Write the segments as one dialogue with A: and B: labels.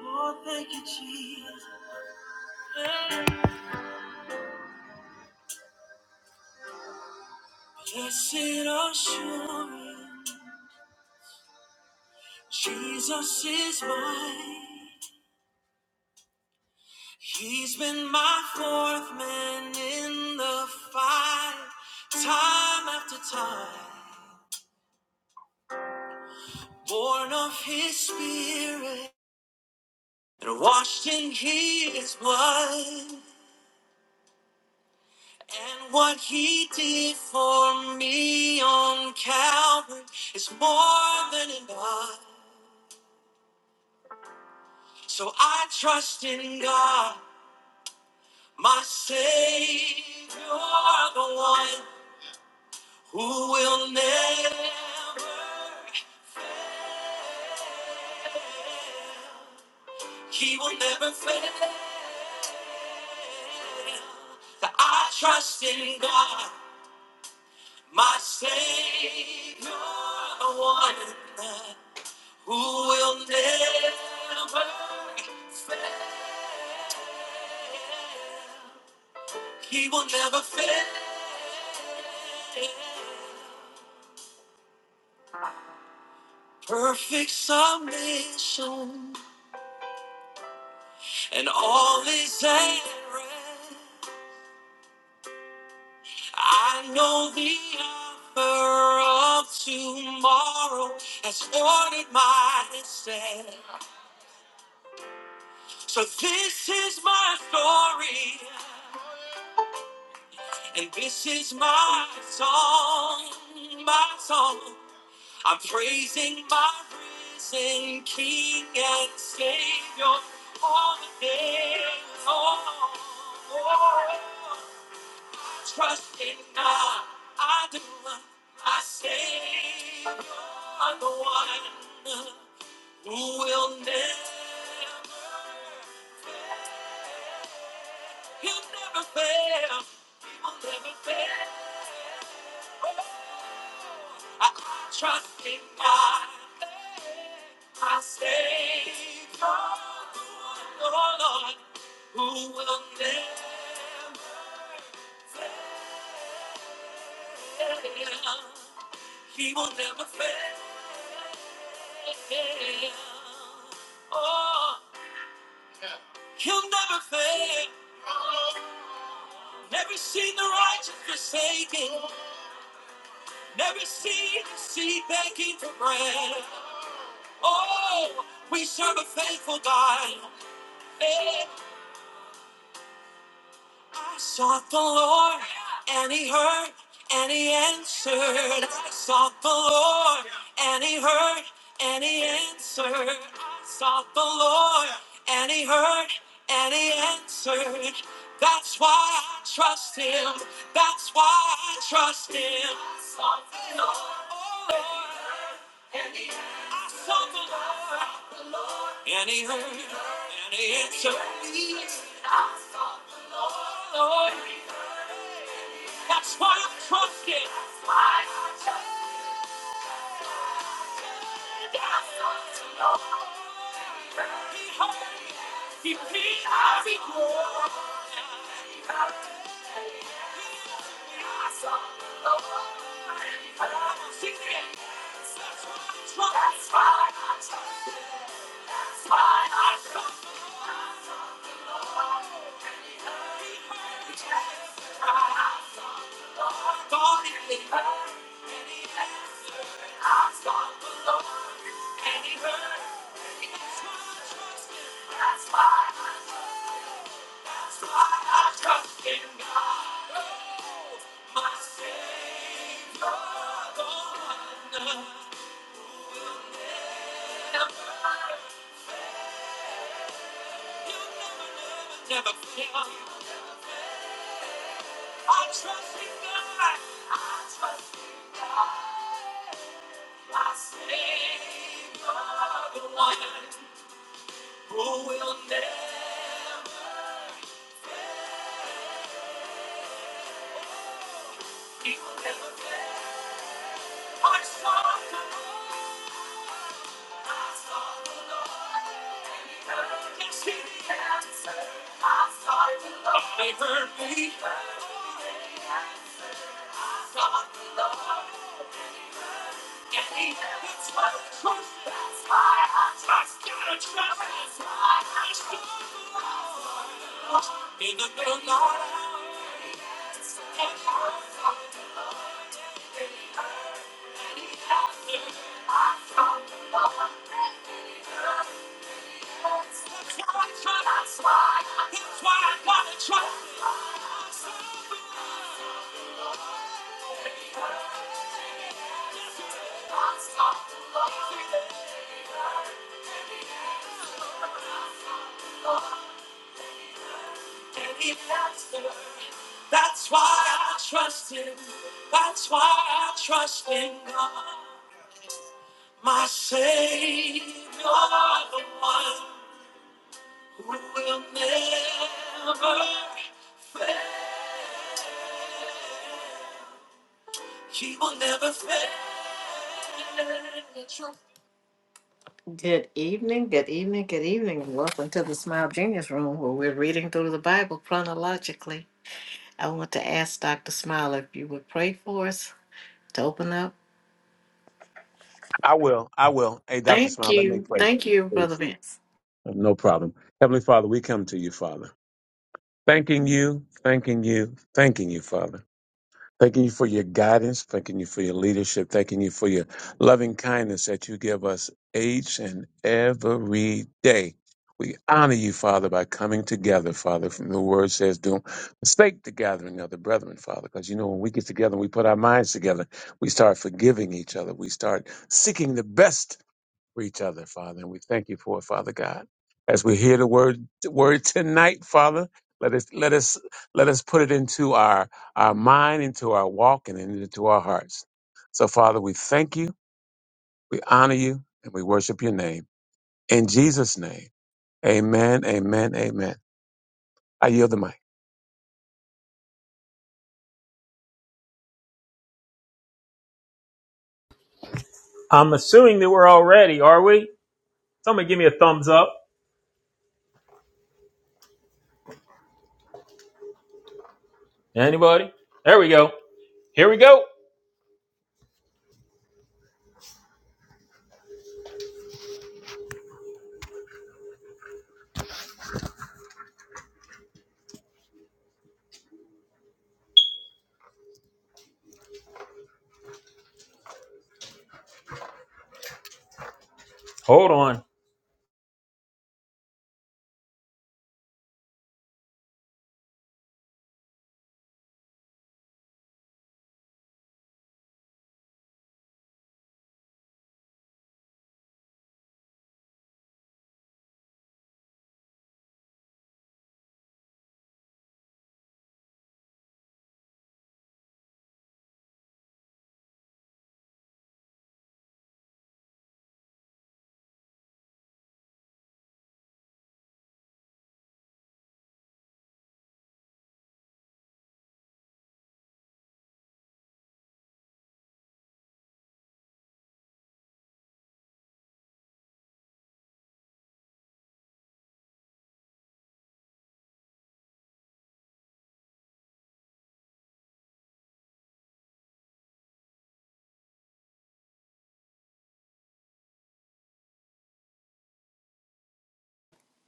A: Oh, thank you, Jesus. Blessed assurance, Jesus is mine. He's been my fourth man in the fight, time after time. Born of his spirit and washed in his blood. And what he did for me on Calvary is more than enough. So I trust in God, my Savior, the one who will never fail. He will never fail. That I trust in God, my Savior, the one who will never fail. He will never fail. Perfect submission and all is at rest. I know the offer of tomorrow has ordered my step. So this is my story, and this is my song, my song. I'm praising my risen King and Savior all the day long. Trust in God, I do. My Savior, the one who will never, he'll never fail. He will never fail. I trust in God. I stay calm, oh Lord, who will never fail. He will never fail. Oh, he'll never fail. Never seen the righteous forsaken. Never seen the seed begging for bread. Oh, we serve a faithful God. Eh. I sought the Lord, and He heard, and He answered. I sought the Lord, and He heard, and He answered. I sought the Lord, and He heard, and He answered. That's why I trust Him. That's why I trust Him. I sought the Lord, oh Lord. I sought the Lord, and He heard, and He answered. Lord, that's why I trust Him. He feeds our souls. I love you. That's why I tried on it. And he heard. That's why I trust him. That's why I trust in God. My Savior, the one. Never, he'll never, never, never fail. I trust in God. I trust in God. Blessed are the one who will never, he will never fail. I saw the Lord, yes, he answered. I sought the Lord, and he heard me. I sought the Lord, and he answered. That's why I trust. That's why I trust. Gotta trust. That's why I trust. In the middle of the night, and I sought the Lord. I sought the Lord. That's why I trust him. That's why I trust in God. My Savior, the one who will never fail. He will never fail. Good evening, good evening, good evening, and welcome to the Smile Genius Room where we're reading through the Bible chronologically. I want to ask Dr. Smile if you would pray for us to open up.
B: I will. I will. Hey, Dr.
A: Thank
B: Smile, let me
A: you.
B: play,
A: Thank you, Brother
B: please.
A: Vince.
B: No problem. Heavenly Father, we come to you, Father. Thanking you, thanking you, thanking you, Father. Thanking you for your guidance, thanking you for your leadership, thanking you for your loving kindness that you give us each and every day. We honor you, Father, by coming together, Father. From the word says, don't mistake the gathering of the brethren, Father, because you know when we get together and we put our minds together, we start forgiving each other. We start seeking the best for each other, Father. And we thank you for it, Father God. As we hear the word word tonight, Father, let us let us let us put it into our our mind, into our walk, and into our hearts. So, Father, we thank you, we honor you, and we worship your name. In Jesus' name. Amen. Amen. Amen. I yield the mic.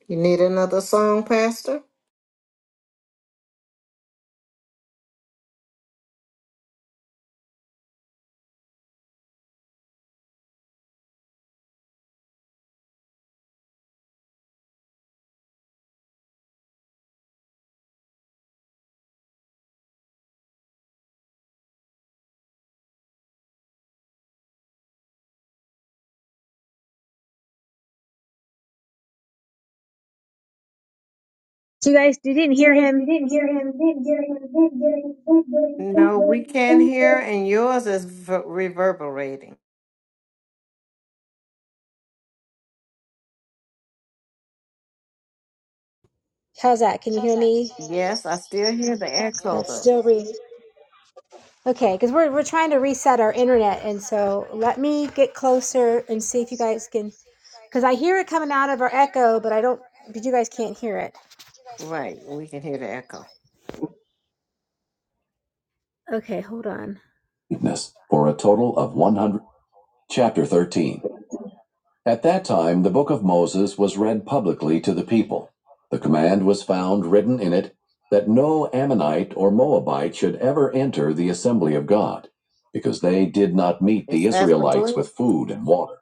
A: You need another song, Pastor?
C: So you guys you didn't hear him. There
A: No, we can't hear, and yours is v- reverberating.
D: How's that? Can you hear me?
A: Yes, I still hear the
D: That's
A: echo,
D: still re. Okay, because we're we're trying to reset our internet, and so let me get closer and see if you guys can. Because I hear it coming out of our echo, but I don't. But you guys can't hear it.
A: Right. well, We can hear the echo.
D: Okay, hold on. Witness for a total of one hundred. Chapter thirteen. At that time, the book of Moses was read publicly to the people. The command was found written in it that no Ammonite or Moabite should ever enter the assembly of God, because they did not meet the
A: Yes, that's the
D: Israelites
A: book.
D: with food and water.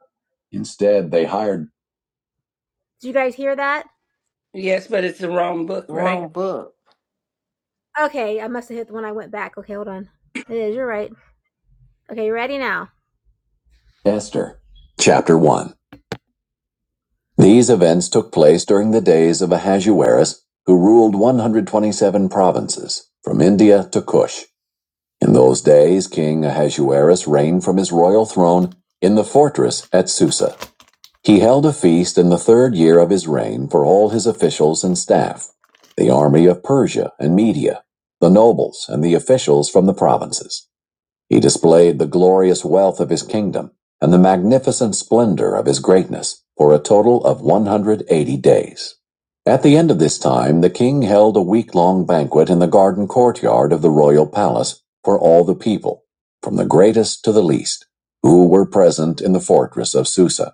D: Instead, they hired. Did you guys hear that?
E: Yes, but it's the wrong book,
A: Wrong
E: right?
A: book.
D: Okay, I must have hit the one I went back. Okay, hold on. It is, you're right. Okay, you ready now? Esther, chapter 1. These events took place during the days of Ahasuerus, who ruled 127 provinces, from India to Kush. In those days, King Ahasuerus reigned from his royal throne in the fortress at Susa. He held a feast in the third year of his reign for all his officials and staff, the army of Persia and Media, the nobles and the officials from the provinces. He displayed the glorious wealth of his kingdom and the magnificent splendor of his greatness for a total of 180 days. At the end of this time, the king held a week long banquet in the garden courtyard of the royal palace for all the people, from the greatest to the least, who were present in the fortress of Susa.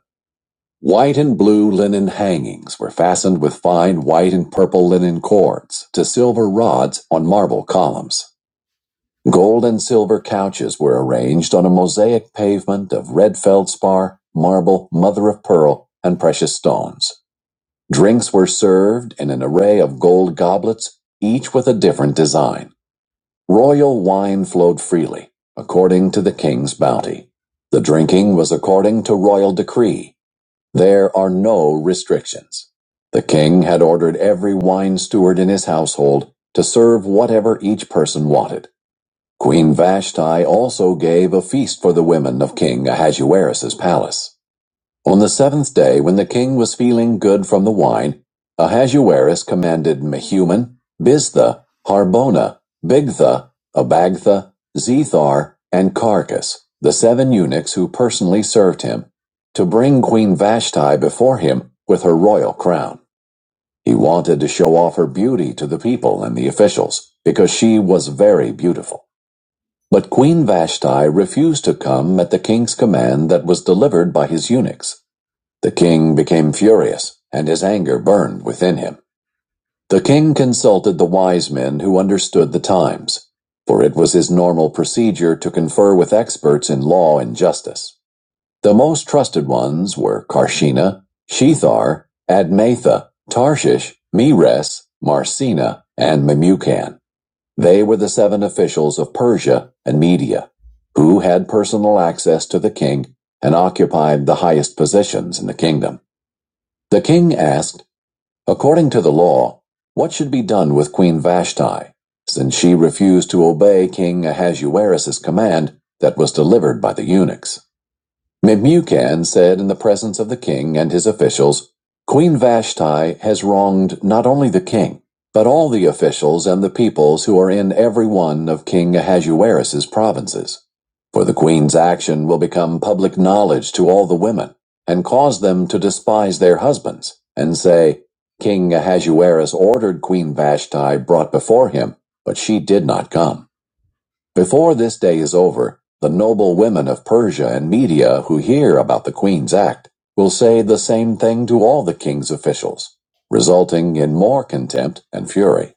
D: White and blue linen hangings were fastened with fine white and purple linen cords to silver rods on marble columns. Gold and silver couches were arranged on a mosaic pavement of red feldspar, marble, mother of pearl, and precious stones. Drinks were served in an array of gold goblets, each with a different design. Royal wine flowed freely, according to the king's bounty. The drinking was according to royal decree. There are no restrictions. The king had ordered every wine steward in his household to serve whatever each person wanted. Queen Vashti also gave a feast for the women of King Ahasuerus's palace. On the seventh day, when the king was feeling good from the wine, Ahasuerus commanded Mehuman, Biztha, Harbona, Bigtha, Abagtha, Zethar, and Carcass, the seven eunuchs who personally served him, to bring Queen Vashti before him with her royal crown. He wanted to show off her beauty to the people and the officials, because she was very beautiful. But Queen Vashti refused to come at the king's command that was delivered by his eunuchs. The king became furious, and his anger burned within him. The king consulted the wise men who understood the times, for it was his normal procedure to confer with experts in law and justice. The most trusted ones were Karshina, Shethar, Admatha, Tarshish, Mires, Marcina, and Memucan. They were the seven officials of Persia and Media, who had personal access to the king and occupied the highest positions in the kingdom. The king asked, according to the law, what should be done with Queen Vashti, since she refused to obey King Ahasuerus's command that was delivered by the eunuchs. Memucan said in the presence of the king and his officials, Queen Vashti has wronged not only the king, but all the officials and the peoples who are in every one of King Ahasuerus's provinces. For the queen's action will become public knowledge to all the women, and cause them to despise their husbands, and say, King Ahasuerus ordered Queen Vashti brought before him, but she did not come. Before this day is over, the noble women of Persia and Media who hear about the Queen's act will say the same thing to all the king's officials, resulting in more contempt and fury.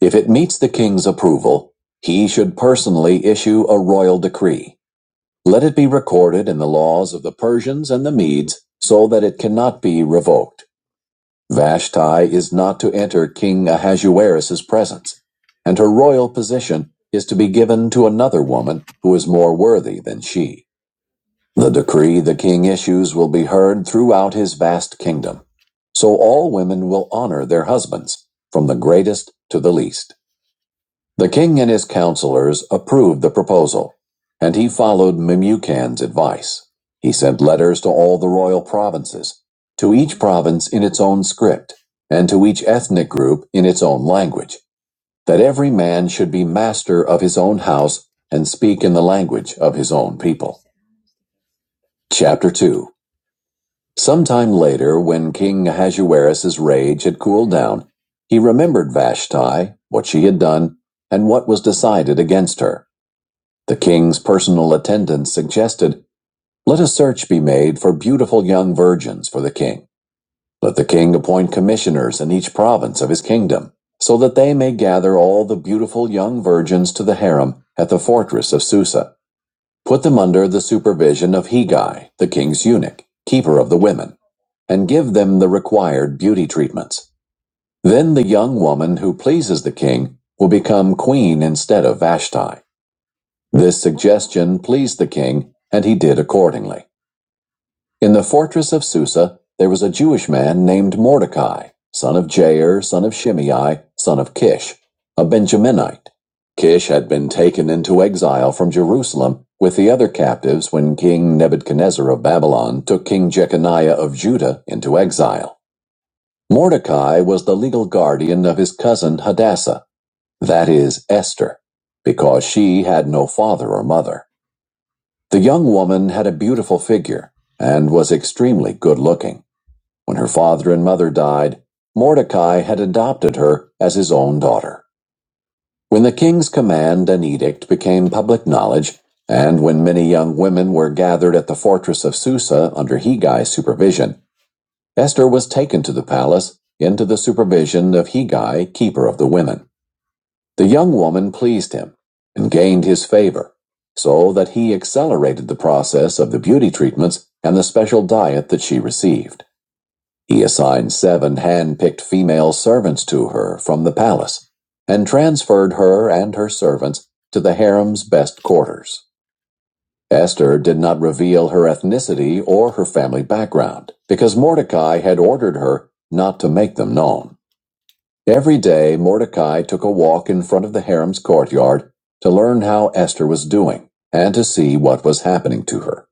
D: If it meets the king's approval, he should personally issue a royal decree. Let it be recorded in the laws of the Persians and the Medes so that it cannot be revoked. Vashti is not to enter King Ahasuerus' presence, and her royal position is to be given to another woman who is more worthy than she. The decree the king issues will be heard throughout his vast kingdom, so all women will honor their husbands, from the greatest to the least. The king and his counselors approved the proposal, and he followed Memucan's advice. He sent letters to all the royal provinces, to each province in its own script, and to each ethnic group in its own language, that every man should be master of his own house and speak in the language of his own people. Chapter 2 Sometime later, when King Ahasuerus's rage had cooled down, he remembered Vashti, what she had done, and what was decided against her. The king's personal attendants suggested, Let a search be made for beautiful young virgins for the king. Let the king appoint commissioners in each province of his kingdom, so that they may gather all the beautiful young virgins to the harem at the fortress of Susa. Put them under the supervision of Hegai, the king's eunuch, keeper of the women, and give them the required beauty treatments. Then the young woman who pleases the king will become queen instead of Vashti. This suggestion pleased the king, and he did accordingly. In the fortress of Susa, there was a Jewish man named Mordecai, son of Jair, son of Shimei, son of Kish, a Benjaminite. Kish had been taken into exile from Jerusalem with the other captives when King Nebuchadnezzar of Babylon took King Jeconiah of Judah into exile. Mordecai was the legal guardian of his cousin Hadassah, that is, Esther, because she had no father or mother. The young woman had a beautiful figure and was extremely good looking. When her father and mother died, Mordecai had adopted her as his own daughter. When the king's command and edict became public knowledge, and when many young women were gathered at the fortress of Susa under Hegai's supervision, Esther was taken to the palace into the supervision of Hegai, keeper of the women. The young woman pleased him and gained his favor, so that he accelerated the process of the beauty treatments and the special diet that she received. He assigned seven hand picked female servants to her from the palace and transferred her and her servants to the harem's best quarters. Esther did not reveal her ethnicity or her family background because Mordecai had ordered her not to make them known. Every day Mordecai took a walk in front of the harem's courtyard to learn how Esther was doing and to see what was happening to her.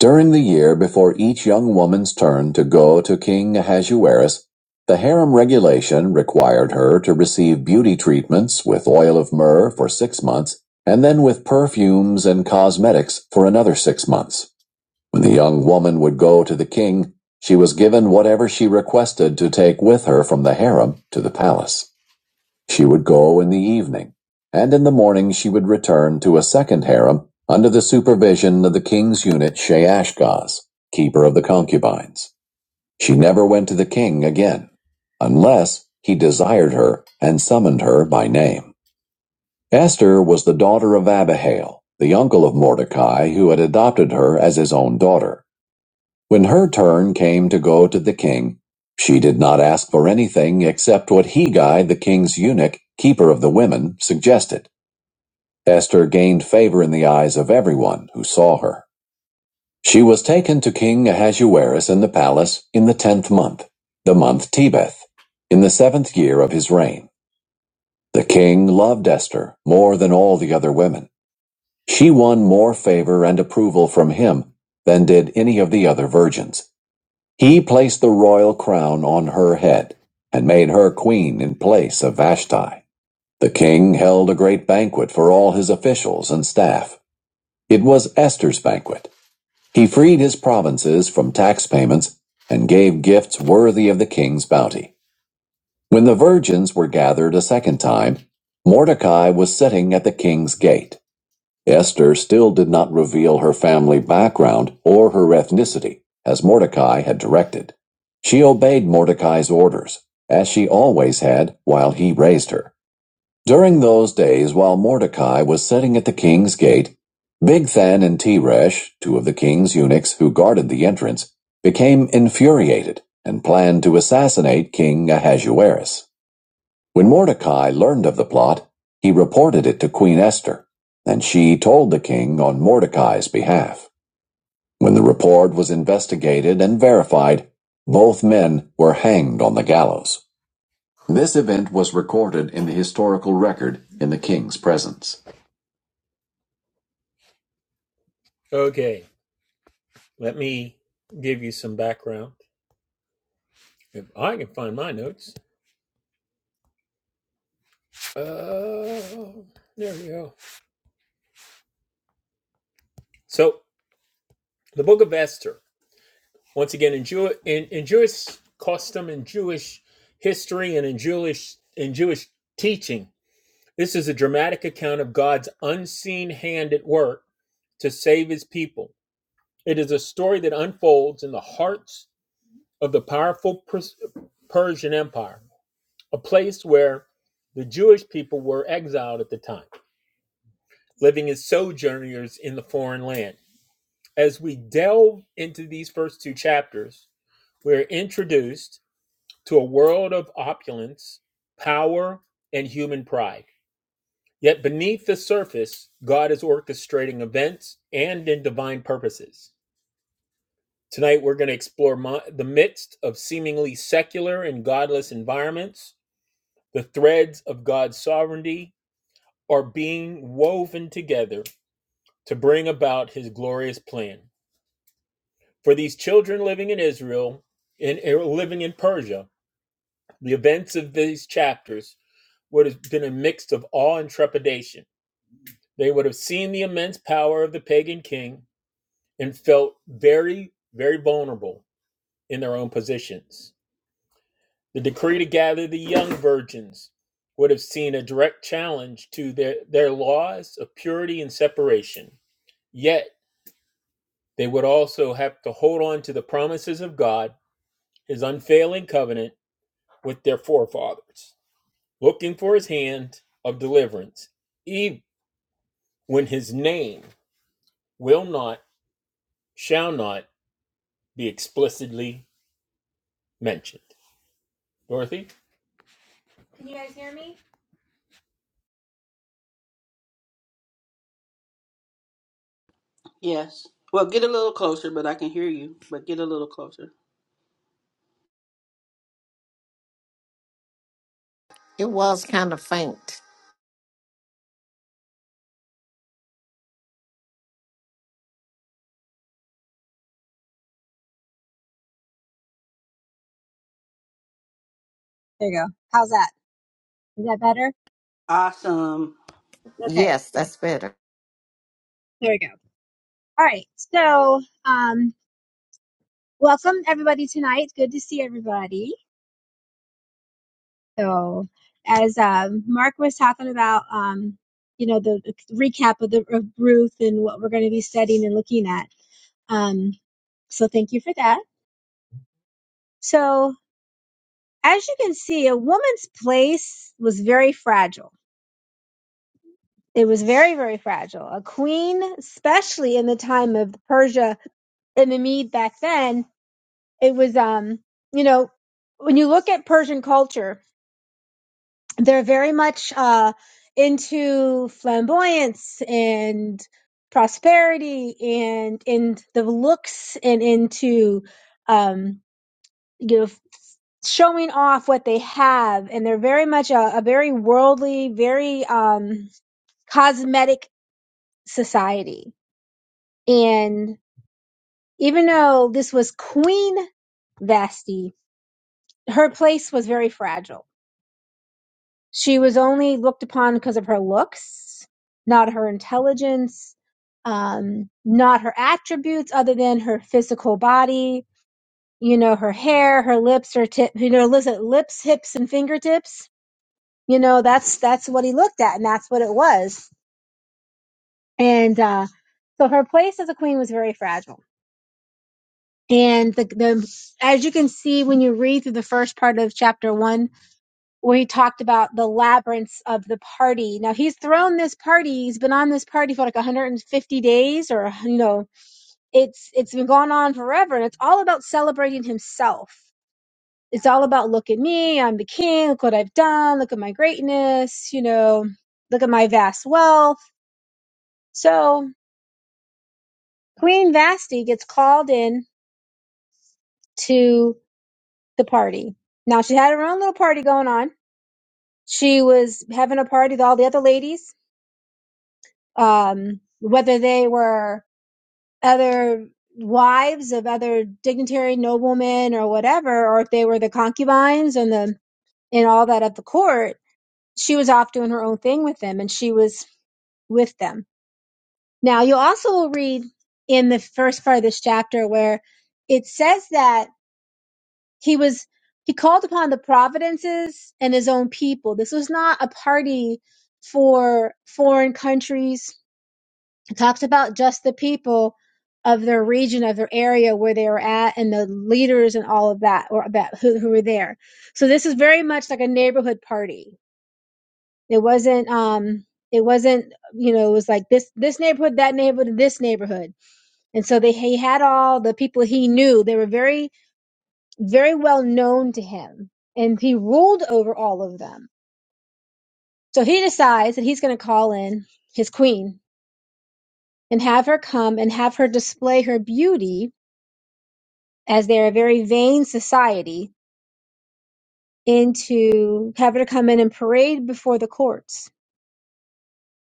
D: During the year before each young woman's turn to go to King Ahasuerus, the harem regulation required her to receive beauty treatments with oil of myrrh for six months and then with perfumes and cosmetics for another six months. When the young woman would go to the king, she was given whatever she requested to take with her from the harem to the palace. She would go in the evening, and in the morning she would return to a second harem under the supervision of the king's unit Sheashgaz, keeper of the concubines. She never went to the king again, unless he desired her and summoned her by name. Esther was the daughter of Abihail, the uncle of Mordecai, who had adopted her as his own daughter. When her turn came to go to the king, she did not ask for anything except what Hegai, the king's eunuch, keeper of the women, suggested. Esther gained favor in the eyes of everyone who saw her. She was taken to King Ahasuerus in the palace in the tenth month, the month Tebeth, in the seventh year of his reign. The king loved Esther more than all the other women. She won more favor and approval from him than did any of the other virgins. He placed the royal crown on her head and made her queen in place of Vashti. The king held a great banquet for all his officials and staff. It was Esther's banquet. He freed his provinces from tax payments and gave gifts worthy of the king's bounty. When the virgins were gathered a second time, Mordecai was sitting at the king's gate. Esther still did not reveal her family background or her ethnicity, as Mordecai had directed. She obeyed Mordecai's orders, as she always had while he raised her. During those days, while Mordecai was sitting at the king's gate, Bigthan and Teresh, two of the king's eunuchs who guarded the entrance, became infuriated and planned to assassinate King Ahasuerus. When Mordecai learned of the plot, he reported it to Queen Esther, and she told the king on Mordecai's behalf. When the report was investigated and verified, both men were hanged on the gallows. This event was recorded in the historical record in the king's presence. Can you guys hear me?
E: Yes. Well, get a little closer. closer.
A: It was kind of faint.
C: you go. How's that? Is that better?
E: Awesome.
C: Okay,
A: Yes,
C: good.
A: that's better.
C: There we go. All right. So, um, welcome everybody tonight. It's Good to see everybody. So, as um, Mark was talking about, um, you know, the recap of the of Ruth and what we're going to be studying and looking at. Um, so, thank you for that. So, as you can see, a woman's place was very fragile It was very, very fragile. A queen, especially in the time of Persia and the Mede back then, it was, um, you know, when you look at Persian culture, they're very much uh, into flamboyance and prosperity and and the looks and into um, you know showing off what they have and they're very much a, a very worldly very um cosmetic society And even though this was Queen Vasti, her place was very fragile. She was only looked upon because of her looks, not her intelligence, um, not her attributes other than her physical body, you know, her hair, her lips, her tip, you know, listen, lips, hips, and fingertips. You know, that's, that's what he looked at and that's what it was. And, uh, so her place as a queen was very fragile And the, the as you can see when you read through the first part of chapter one, where he talked about the labyrinths of the party. Now he's thrown this party. He's been on this party for like 150 days, or you know, it's it's been going on forever, and it's all about celebrating himself. It's all about look at me, I'm the king. Look what I've done. Look at my greatness. You know, look at my vast wealth. So Queen Vasti gets called in to the party. Now she had her own little party going on she was having a party with all the other ladies, um, whether they were other wives of other dignitary noblemen or whatever, or if they were the concubines and the and all that of the court. She was off doing her own thing with them, and she was with them. Now you also will read in the first part of this chapter where it says that he was he called upon the providences and his own people. This was not a party for foreign countries It talks about just the people of their region, of their area where they were at, and the leaders and all of that, or about who, who were there. So this is very much like a neighborhood party. It wasn't, um, it wasn't, you know, it was like this, this neighborhood, that neighborhood, this neighborhood. And so they, he had all the people he knew. They were very, very well known to him and he ruled over all of them. So he decides that he's going to call in his queen and have her come and have her display her beauty as they're a very vain society, into having her come in and parade before the courts.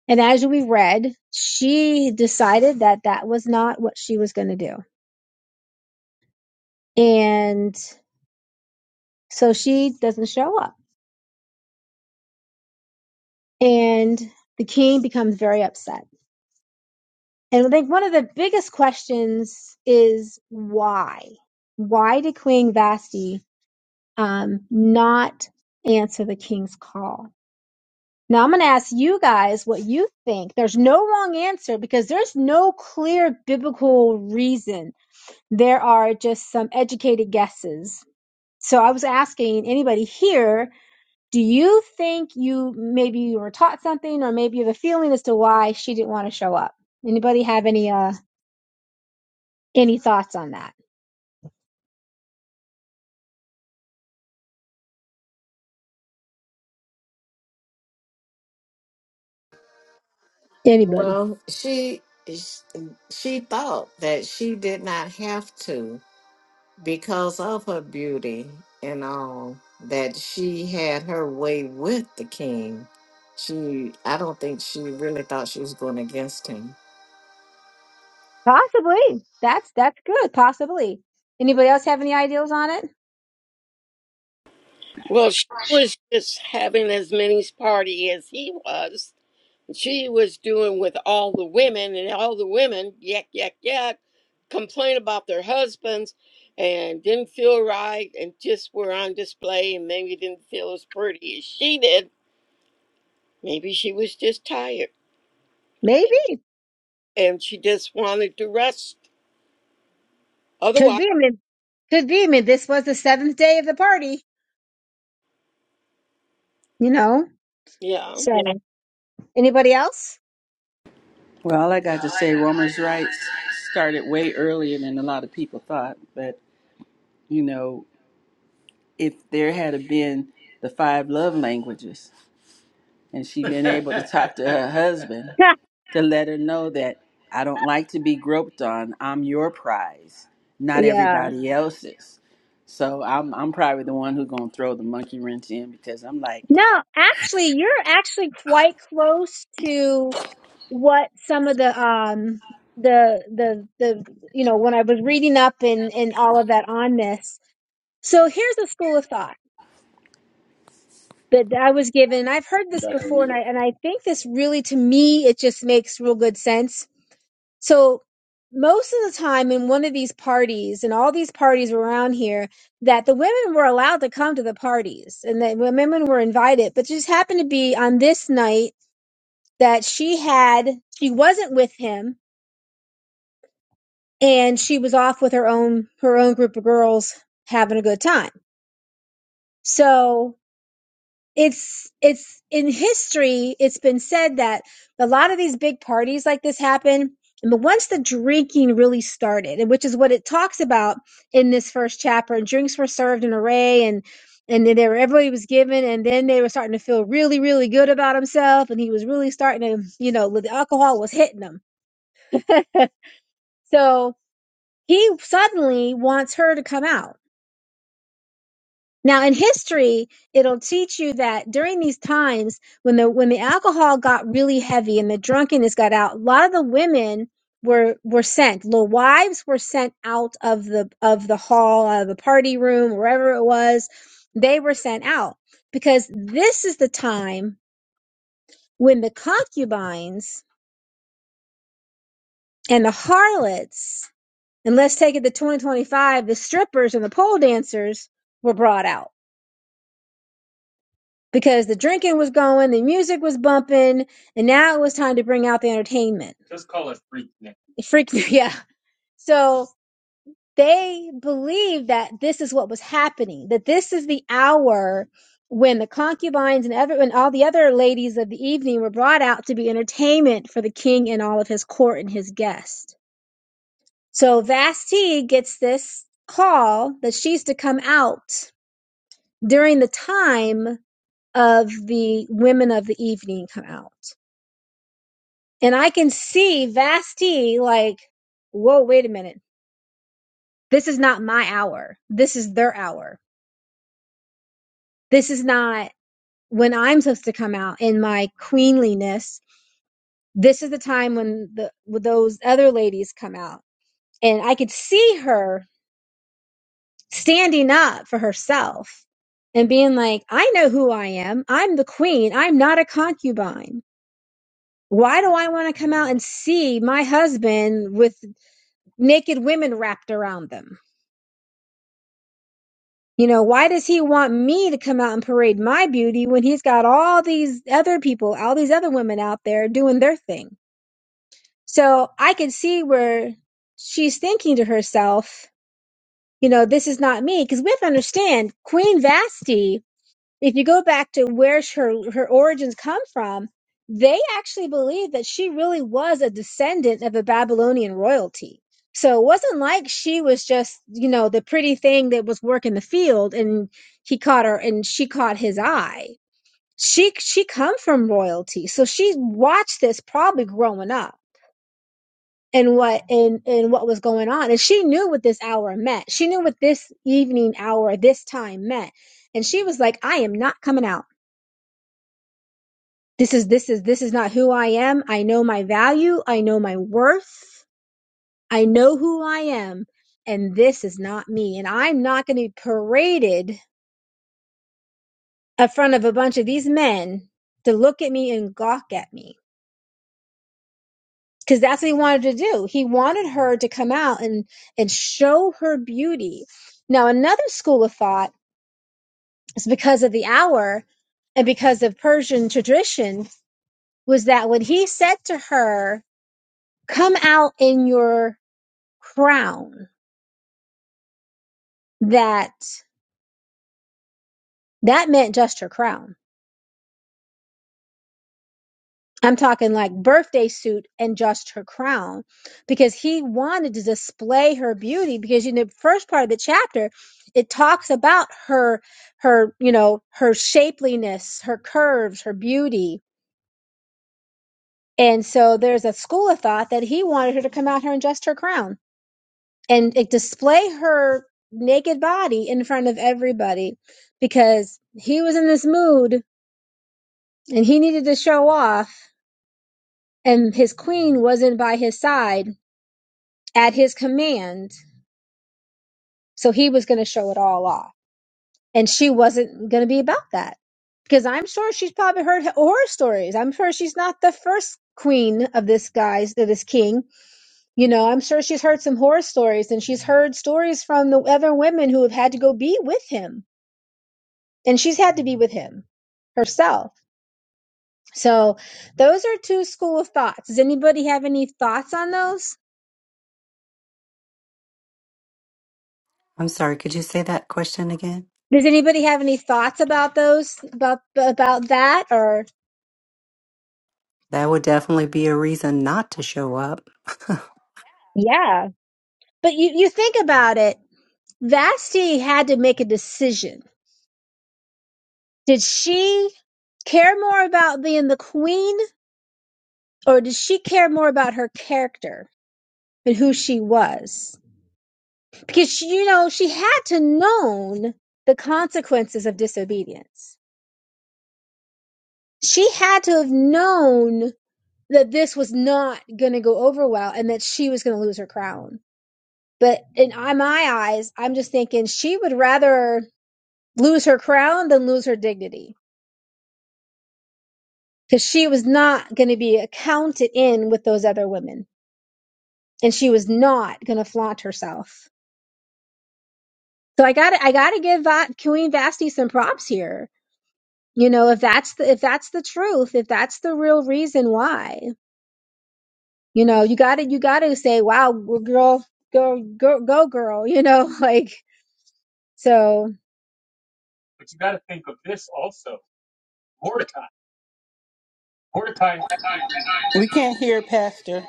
C: And as we read, she decided that that was not what she was going to do. And so she doesn't show up. And the king becomes very upset. And I think one of the biggest questions is why? Why did Queen Vashti um, not answer the king's call? Now I'm going to ask you guys what you think. There's no wrong answer because there's no clear biblical reason. There are just some educated guesses. So I was asking anybody here, do you think you maybe you were taught something or maybe you have a feeling as to why she didn't want to show up? Anybody have any uh any thoughts on that? Anybody?
A: Well, she she thought that she did not have to. because of her beauty and all that she had her way with the king she i don't think she really thought she was going against him
C: Possibly. That's that's good. Possibly. Anybody else have any ideas on it?
F: Well, she was just having as many party as he was. She was doing with all the women, and all the women, yak, yak, yak, complain about their husbands and didn't feel right and just were on display and maybe didn't feel as pretty as she did. Maybe she was just tired
C: Maybe.
F: and she just wanted to rest.
C: Could
F: Otherwise,
C: be. I mean, could be. I mean, this was the seventh day of the party, you know.
F: yeah.
C: So, Yeah. anybody else?
E: Well, all I got to say, women's rights started way earlier than a lot of people thought. But you know, if there had been the five love languages, and she been able to talk to her husband
C: Yeah.
E: to let her know that I don't like to be groped on. I'm your prize, not
C: Yeah.
E: everybody else's. So I'm I'm probably the one who's gonna throw the monkey wrench in because I'm like.
C: No, actually, you're actually quite close to what some of the um the the the you know when I was reading up and and all of that on this. So here's a school of thought that I was given. I've heard this
E: back on
C: before, and
E: you.
C: I and I think this really to me it just makes real good sense So most of the time in one of these parties and all these parties were around here that the women were allowed to come to the parties and that women were invited, but just happened to be on this night that she had, she wasn't with him and she was off with her own, her own group of girls having a good time. So it's it's in history it's been said that a lot of these big parties like this happen but once the drinking really started and which is what it talks about in this first chapter and drinks were served in array and and then they were everybody was given and then they were starting to feel really really good about himself and he was really starting to you know the alcohol was hitting him so he suddenly wants her to come out Now in history, it'll teach you that during these times when the when the alcohol got really heavy and the drunkenness got out, a lot of the women were were sent. The wives were sent out of the of the hall, out of the party room, wherever it was. They were sent out because this is the time when the concubines and the harlots, and let's take it to 2025, the strippers and the pole dancers were brought out because the drinking was going, the music was bumping, and now it was time to bring out the entertainment. It freaked me yeah. So they believed that this is what was happening, that this is the hour when the concubines and every, when all the other ladies of the evening were brought out to be entertainment for the king and all of his court and his guests. So Vasti gets this call that she's to come out during the time of the women of the evening come out. And I can see Vasti like, whoa, wait a minute. This is not my hour. This is their hour. This is not when I'm supposed to come out in my queenliness. This is the time when the when those other ladies come out. And I could see her standing up for herself and being like, I know who I am. I'm the queen. I'm not a concubine. Why do I want to come out and see my husband with naked women wrapped around them? You know, why does he want me to come out and parade my beauty when he's got all these other people, all these other women out there doing their thing? So I can see where she's thinking to herself, you know, this is not me. Because we have to understand, Queen Vasti if you go back to where her her origins come from, they actually believe that she really was a descendant of a Babylonian royalty. So it wasn't like she was just, you know, the pretty thing that was working the field and he caught her and she caught his eye. She she come from royalty. So she watched this probably growing up and what and and what was going on. And she knew what this hour meant. She knew what this evening hour, this time meant. And she was like, I am not coming out. this is this is this is not who I am. I know my value, I know my worth. I know who I am and this is not me and I'm not going to be paraded in front of a bunch of these men to look at me and gawk at me because that's what he wanted to do. He wanted her to come out and and show her beauty. Now another school of thought is because of the hour and because of Persian tradition was that when he said to her, "Come out in your crown that that meant just her crown. I'm talking like birthday suit and just her crown because he wanted to display her beauty because in the first part of the chapter it talks about her her you know her shapeliness, her curves, her beauty. And so there's a school of thought that he wanted her to come out here in just her crown and like, display her naked body in front of everybody because he was in this mood and he needed to show off and his queen wasn't by his side at his command so he was going to show it all off and she wasn't going to be about that because i'm sure she's probably heard horror stories i'm sure she's not the first queen of this guy's of this king you know i'm sure she's heard some horror stories and she's heard stories from the other women who have had to go be with him and she's had to be with him herself so those are two school of thoughts does anybody have any thoughts on those
G: I'm sorry, could you say that question again?
C: Does anybody have any thoughts about those about about that or
G: That would definitely be a reason not to show up.
C: yeah. But you you think about it, Vashti had to make a decision. Did she care more about being the queen or did she care more about her character and who she was? Because she, you know, she had to known the consequences of disobedience. She had to have known that this was not going to go over well and that she was going to lose her crown But in my eyes, I'm just thinking she would rather lose her crown than lose her dignity because she was not going to be accounted in with those other women, and she was not going to flaunt herself. So I got to I got to give Va- Queen Vasti some props here. You know, if that's the if that's the truth, if that's the real reason why, you know, you got to you got to say, "Wow, g- girl, go go go, girl," you know, like so.
E: We can't hear Pastor.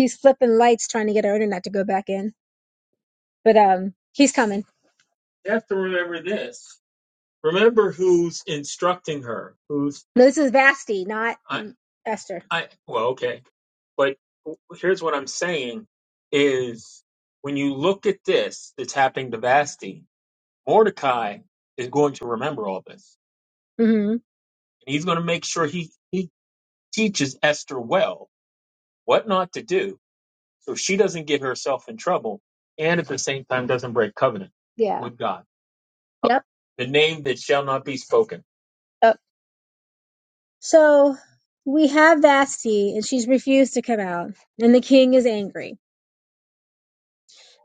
C: She's flipping lights trying to get her internet to go back in. But um, he's coming. No, this is Vasti, not Esther. hmm Yeah. Yep. Oh. So we have Vasti, and she's refused to come out, and the king is angry.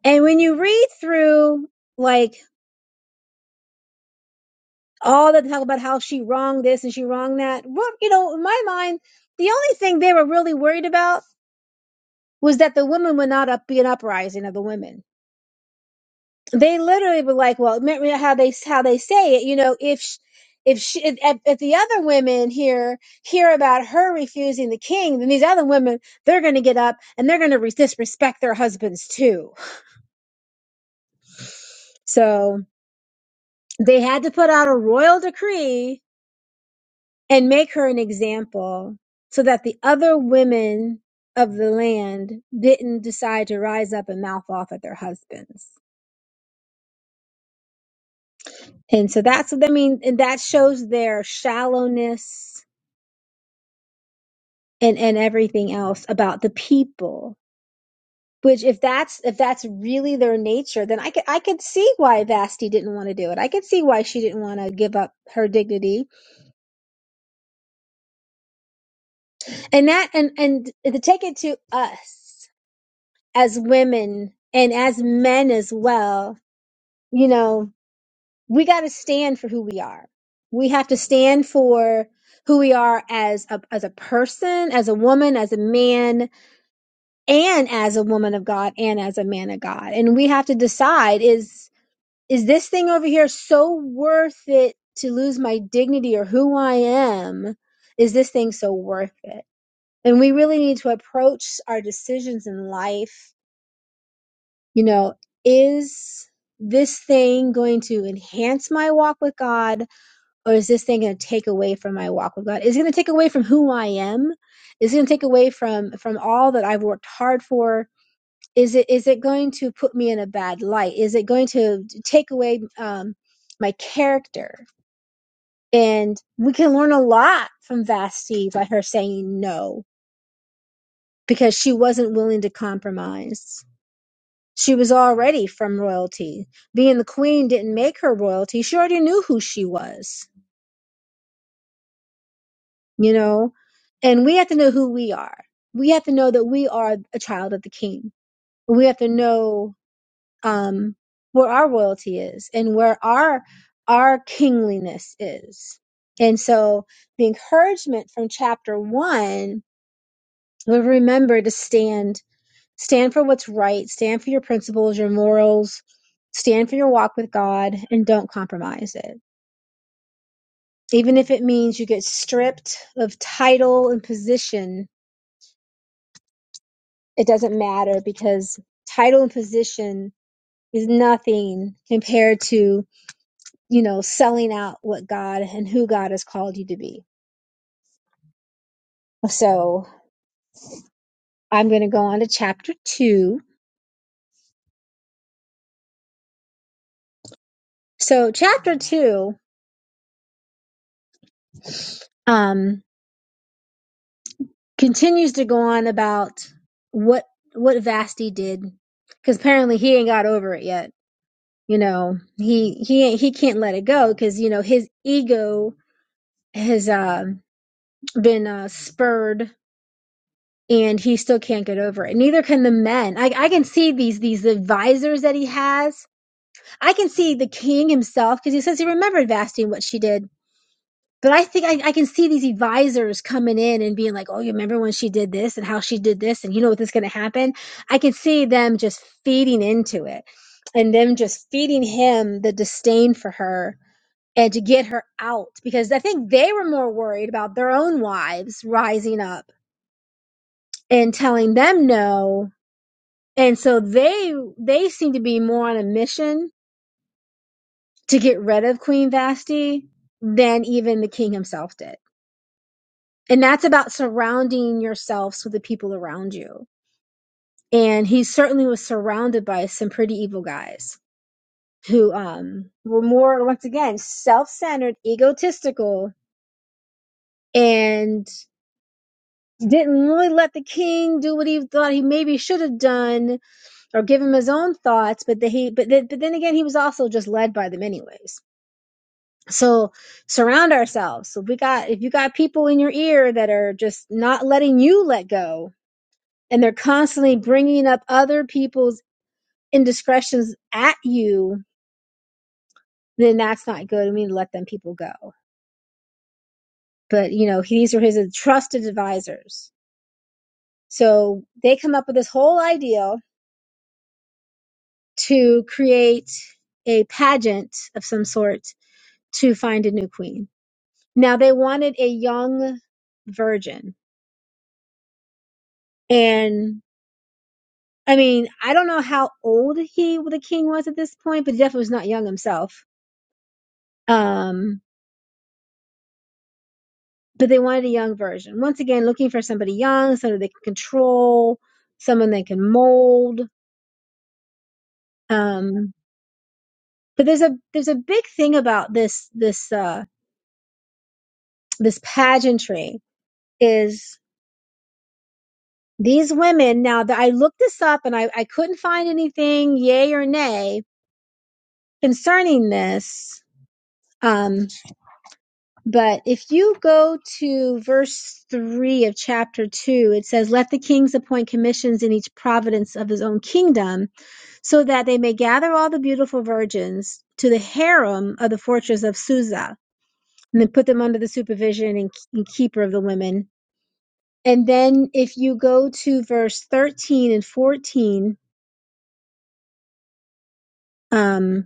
C: And when you read through, like, all the talk about how she wronged this and she wronged that, well, you know, in my mind, the only thing they were really worried about was that the women would not up, be an uprising of the women they literally were like, well, remember how they how they say it, you know, if sh if she if, if if the other women here hear about her refusing the king, then these other women they're going to get up and they're going to re- disrespect their husbands too. So they had to put out a royal decree and make her an example so that the other women of the land didn't decide to rise up and mouth off at their husbands. And so that's what I mean, and that shows their shallowness and and everything else about the people which if that's if that's really their nature then i could i could see why vasti didn't want to do it i could see why she didn't want to give up her dignity and that and and to take it to us as women and as men as well you know we got to stand for who we are we have to stand for who we are as a as a person as a woman as a man and as a woman of God and as a man of God. And we have to decide is is this thing over here so worth it to lose my dignity or who I am? Is this thing so worth it? And we really need to approach our decisions in life, you know, is this thing going to enhance my walk with God or is this thing going to take away from my walk with God? Is it going to take away from who I am? Is it going to take away from from all that I've worked hard for? is it is it going to put me in a bad light is it going to take away um my character and we can learn a lot from Vashti by her saying no because she wasn't willing to compromise she was already from royalty being the queen didn't make her royalty she already knew who she was you know and we have to know who we are we have to know that we are a child of the king we have to know um, where our royalty is and where our our kingliness is. And so the encouragement from chapter one, we remember to stand, stand for what's right, stand for your principles, your morals, stand for your walk with God, and don't compromise it. Even if it means you get stripped of title and position, it doesn't matter because title and position is nothing compared to you know, selling out what God and who God has called you to be. So I'm going to go on to chapter two. So chapter two um, continues to go on about what what Vasti did because apparently he ain't got over it yet. You know, he he he can't let it go because you know his ego has um been uh, spurred and he still can't get over it. Neither can the men. I I can see these these advisors that he has I can see the king himself because he says he remembered Vasti and what she did. But I think I, I can see these advisors coming in and being like, oh, you remember when she did this and how she did this and you know what is going to happen? I can see them just feeding into it and them just feeding him the disdain for her and to get her out because I think they were more worried about their own wives rising up and telling them no. And so they they seem to be more on a mission to get rid of Queen Vashti than even the king himself did. And that's about surrounding yourselves with the people around you. And he certainly was surrounded by some pretty evil guys who um, were more, once again, self centered, egotistical, and didn't really let the king do what he thought he maybe should have done or give him his own thoughts. But, the, he, but, then but then again, he was also just led by them, anyways. So surround ourselves. So we got, if you got people in your ear that are just not letting you let go and they're constantly bringing up other people's indiscretions at you, then that's not good. We need to let them people go. But you know, these are his trusted advisors. So they come up with this whole idea to create a pageant of some sort to find a new queen. Now they wanted a young virgin. and. I mean, I don't know how old he the king was at this point, but he definitely was not young himself. Um, but they wanted a young version. Once again, looking for somebody young, somebody they can control, someone they can mold. Um, but there's a there's a big thing about this this uh, this pageantry is these women. Now that I looked this up and I, I couldn't find anything, yay or nay, concerning this. Um, But if you go to verse 3 of chapter 2, it says, Let the kings appoint commissions in each province of his own kingdom, so that they may gather all the beautiful virgins to the harem of the fortress of Susa, and then put them under the supervision and, and keeper of the women. And then if you go to verse 13 and 14, um,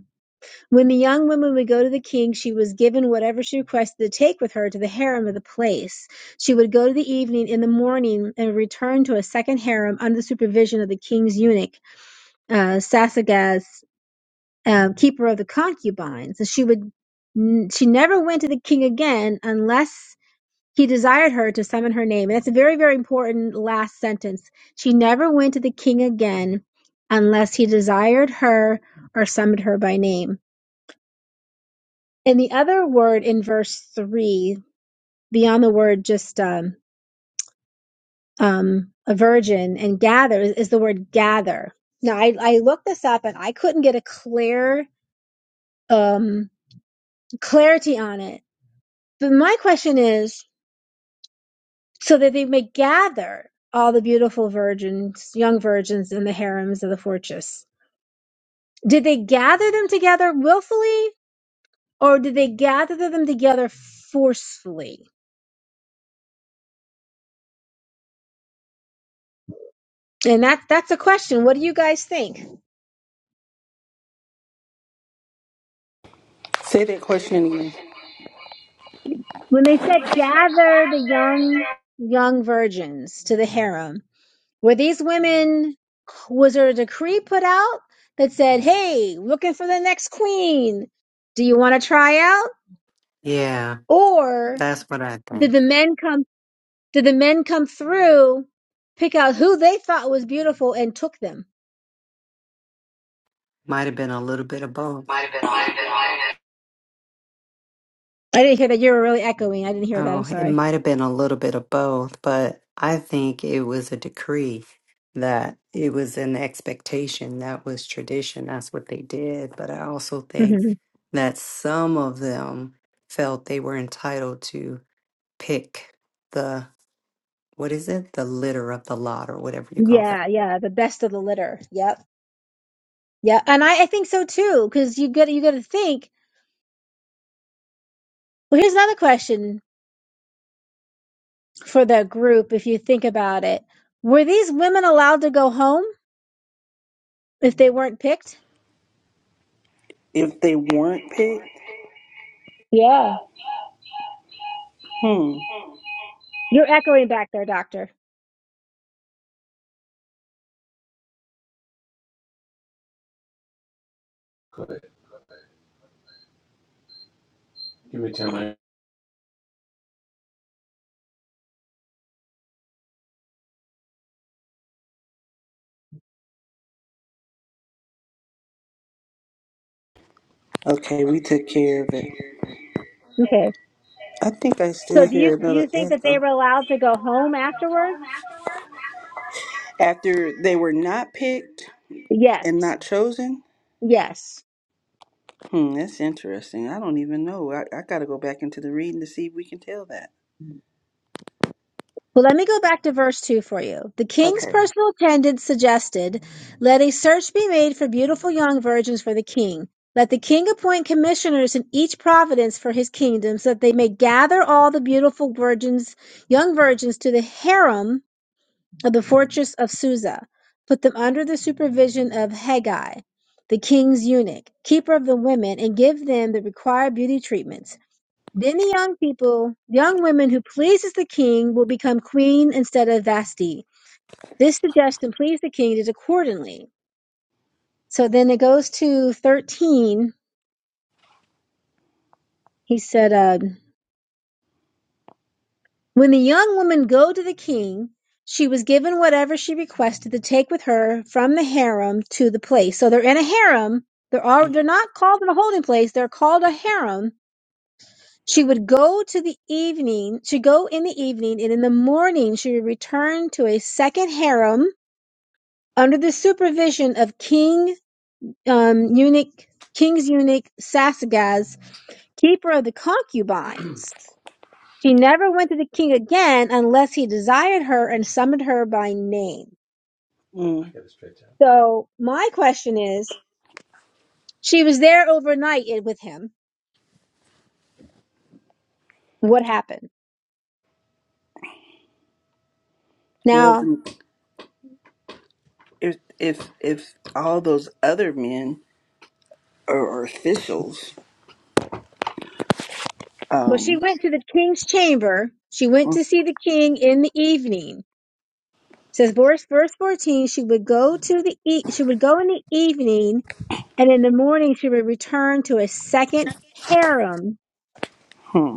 C: When the young woman would go to the king, she was given whatever she requested to take with her to the harem of the place. She would go to the evening in the morning and return to a second harem under the supervision of the king's eunuch, uh, Sasagas, um, keeper of the concubines. And she would, she never went to the king again unless he desired her to summon her name. And that's a very, very important last sentence. She never went to the king again unless he desired her or summoned her by name. And the other word in verse three, beyond the word just um, um, a virgin and gather, is, is the word gather. Now, I, I looked this up and I couldn't get a clear um, clarity on it. But my question is so that they may gather all the beautiful virgins, young virgins in the harems of the fortress. Did they gather them together willfully or did they gather them together forcefully? And that, that's a question. What do you guys think?
E: Say that question again.
C: When they said gather the young young virgins to the harem, were these women was there a decree put out that said, "Hey, looking for the next queen. Do you want to try out?"
G: yeah,
C: Or
G: that's what I
C: did
G: think.
C: the men come did the men come through, pick out who they thought was beautiful and took them?
G: Might have been a little bit of both.
C: I didn't hear that. You were really echoing. I didn't hear that. I'm
G: Oh, it
C: sorry.
G: might have been a little bit of both, but I think it was a decree that it was an expectation that was tradition. That's what they did. But I also think
C: Mhm.
G: that some of them felt they were entitled to pick the, what is it? The litter of the lot or whatever you call that.
C: yeah, yeah, the best of the litter. Yep. Yeah, and I, I think so too, because you got you got to think. Well, here's another question: for the group, if you think about it. Were these women allowed to go home if they weren't picked?
E: If they weren't picked?
C: Yeah.
E: Hmm.
C: You're echoing back there, doctor.
E: Good. Give me 10 minutes. Okay, we took care of it.
C: Okay.
E: I think I
C: So
E: still
C: do you
E: hear
C: do you
E: another
C: think that they
E: echo.
C: were allowed to go home afterwards?
E: After they were not picked
C: Yes.
E: and not chosen?
C: Yes.
E: Hmm, that's interesting. I don't even know. I, I gotta go back into the reading to see if we can tell that.
C: Well, let me go back to verse 2 for you. The king's
E: Okay.
C: personal attendants suggested, Let a search be made for beautiful young virgins for the king. Let the king appoint commissioners in each province for his kingdom, so that they may gather all the beautiful virgins, young virgins, to the harem of the fortress of Susa, put them under the supervision of Haggai, the king's eunuch, keeper of the women, and give them the required beauty treatments. Then the young people, young women who pleases the king, will become queen instead of Vashti. This suggestion pleased the king did accordingly. So then it goes to 13. He said, uh, When the young woman go to the king, she was given whatever she requested to take with her from the harem to the place. So they're in a harem. They're all, they're not called in a holding place. They're called a harem. She would go to the evening. She go in the evening, and in the morning she would return to a second harem under the supervision of King um, Eunuch, King's Eunuch Sasagas, keeper of the concubines. She never went to the king again unless he desired her and summoned her by name.
E: Mm. I Mm. got to stretch out.
C: So my question is, she was there overnight i- with him. What happened?
E: Well,
C: Now,
E: then, if, if if all those other men are, are officials,
C: well, she
E: um,
C: went to the king's chamber. She went to see the king in the evening. Says verse verse fourteen, she would go to the e- she would go in the evening, and in the morning she would return to a second harem
E: Hmm.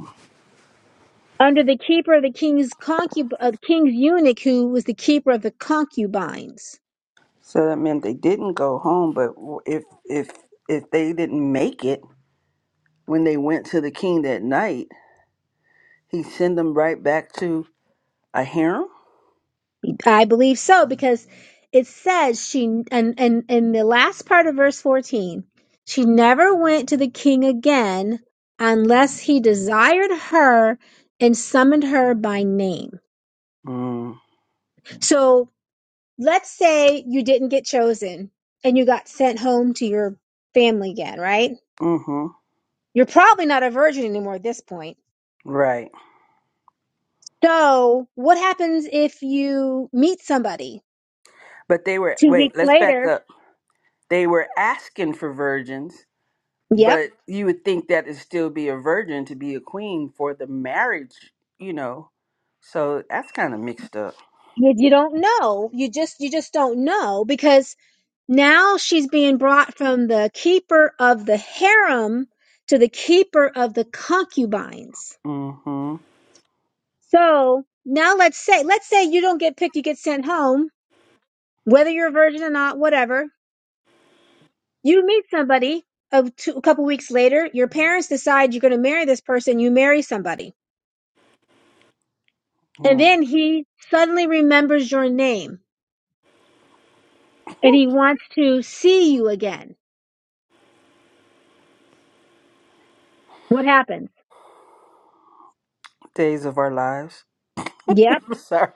C: under the keeper of the king's concub- of the king's eunuch, who was the keeper of the concubines.
E: So that meant they didn't go home, but w- if if if they didn't make it when they went to the king that night, he sent them right back to a harem.
C: I believe so because it says she and and in the last part of verse 14, she never went to the king again unless he desired her and summoned her by name.
E: Mm,
C: So let's say you didn't get chosen and you got sent home to your family again, right?
E: mm-hmm.
C: You're probably not a virgin anymore at this point.
E: Right.
C: So what happens if you meet somebody
E: But they were
C: two weeks
E: wait. Let's back
C: later?
E: up. They were asking for virgins,
C: Yep
E: but you would think that it'd still be a virgin to be a queen for the marriage, you know. So that's kind of mixed up.
C: Yet you don't know. You just you just don't know because now she's being brought from the keeper of the harem to the keeper of the concubines.
E: Mm-hmm.
C: So now let's say let's say you don't get picked, you get sent home, whether you're a virgin or not, whatever. You meet somebody a, two, a couple weeks later. Your parents decide you're going to marry this person. You marry somebody, and
E: Mm.
C: then he suddenly remembers your name and he wants to see you again. What happens?
E: Days of our lives.
C: Yep
E: Sorry.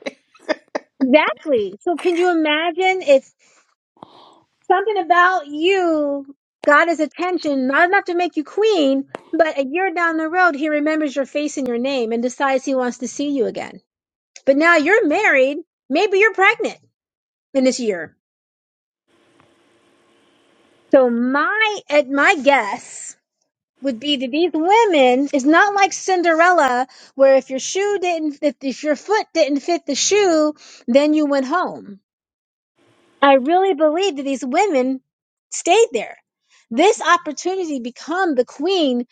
C: Exactly. So can you imagine if something about you got his attention, not enough to make you queen, but a year down the road, he remembers your face and your name and decides he wants to see you again. But now you're married. Maybe you're pregnant in this year. So my, at my guess would be that these women is not like Cinderella, where if your shoe didn't, if, if your foot didn't fit the shoe, then you went home I really believe that these women stayed there. This opportunity to become the queen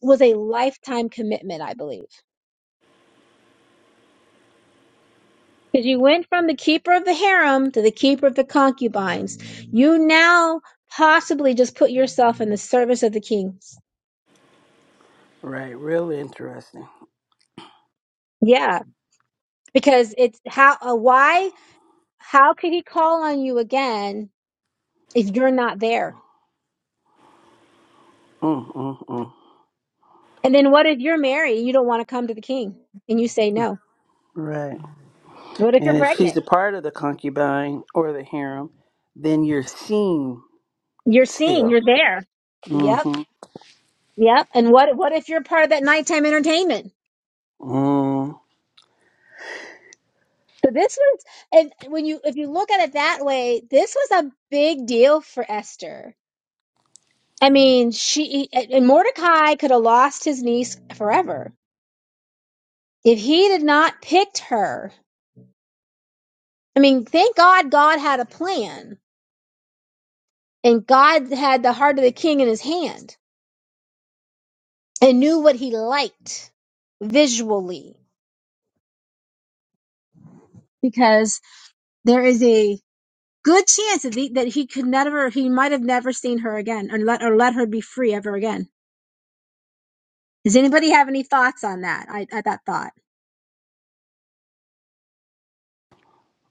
C: was a lifetime commitment, I believe. Because you went from the keeper of the harem to the keeper of the concubines. You now possibly just put yourself in the service of the king.
E: Right. Real interesting.
C: Yeah. Because it's how, uh, why, how could he call on you again if you're not there?
E: Mm, mm, mm.
C: And then what if you're married and you don't want to come to the king and you say no?
E: Right.
C: What if you're
E: And if she's
C: pregnant?
E: a part of the concubine or the harem, then you're seen
C: You're seeing,
E: still.
C: you're there. Yep.
E: Mm-hmm.
C: Yep. And what what if you're part of that nighttime entertainment?
E: Mm,
C: So this was and when you if you look at it that way, this was a big deal for Esther. I mean, she and Mordecai could have lost his niece forever if he did not picked her. I mean, thank God God had a plan and God had the heart of the king in his hand and knew what he liked visually because there is a Good chance that, he- that he could never, he might have never seen her again, or let or let her be free ever again. Does anybody have any thoughts on that? I, at that thought.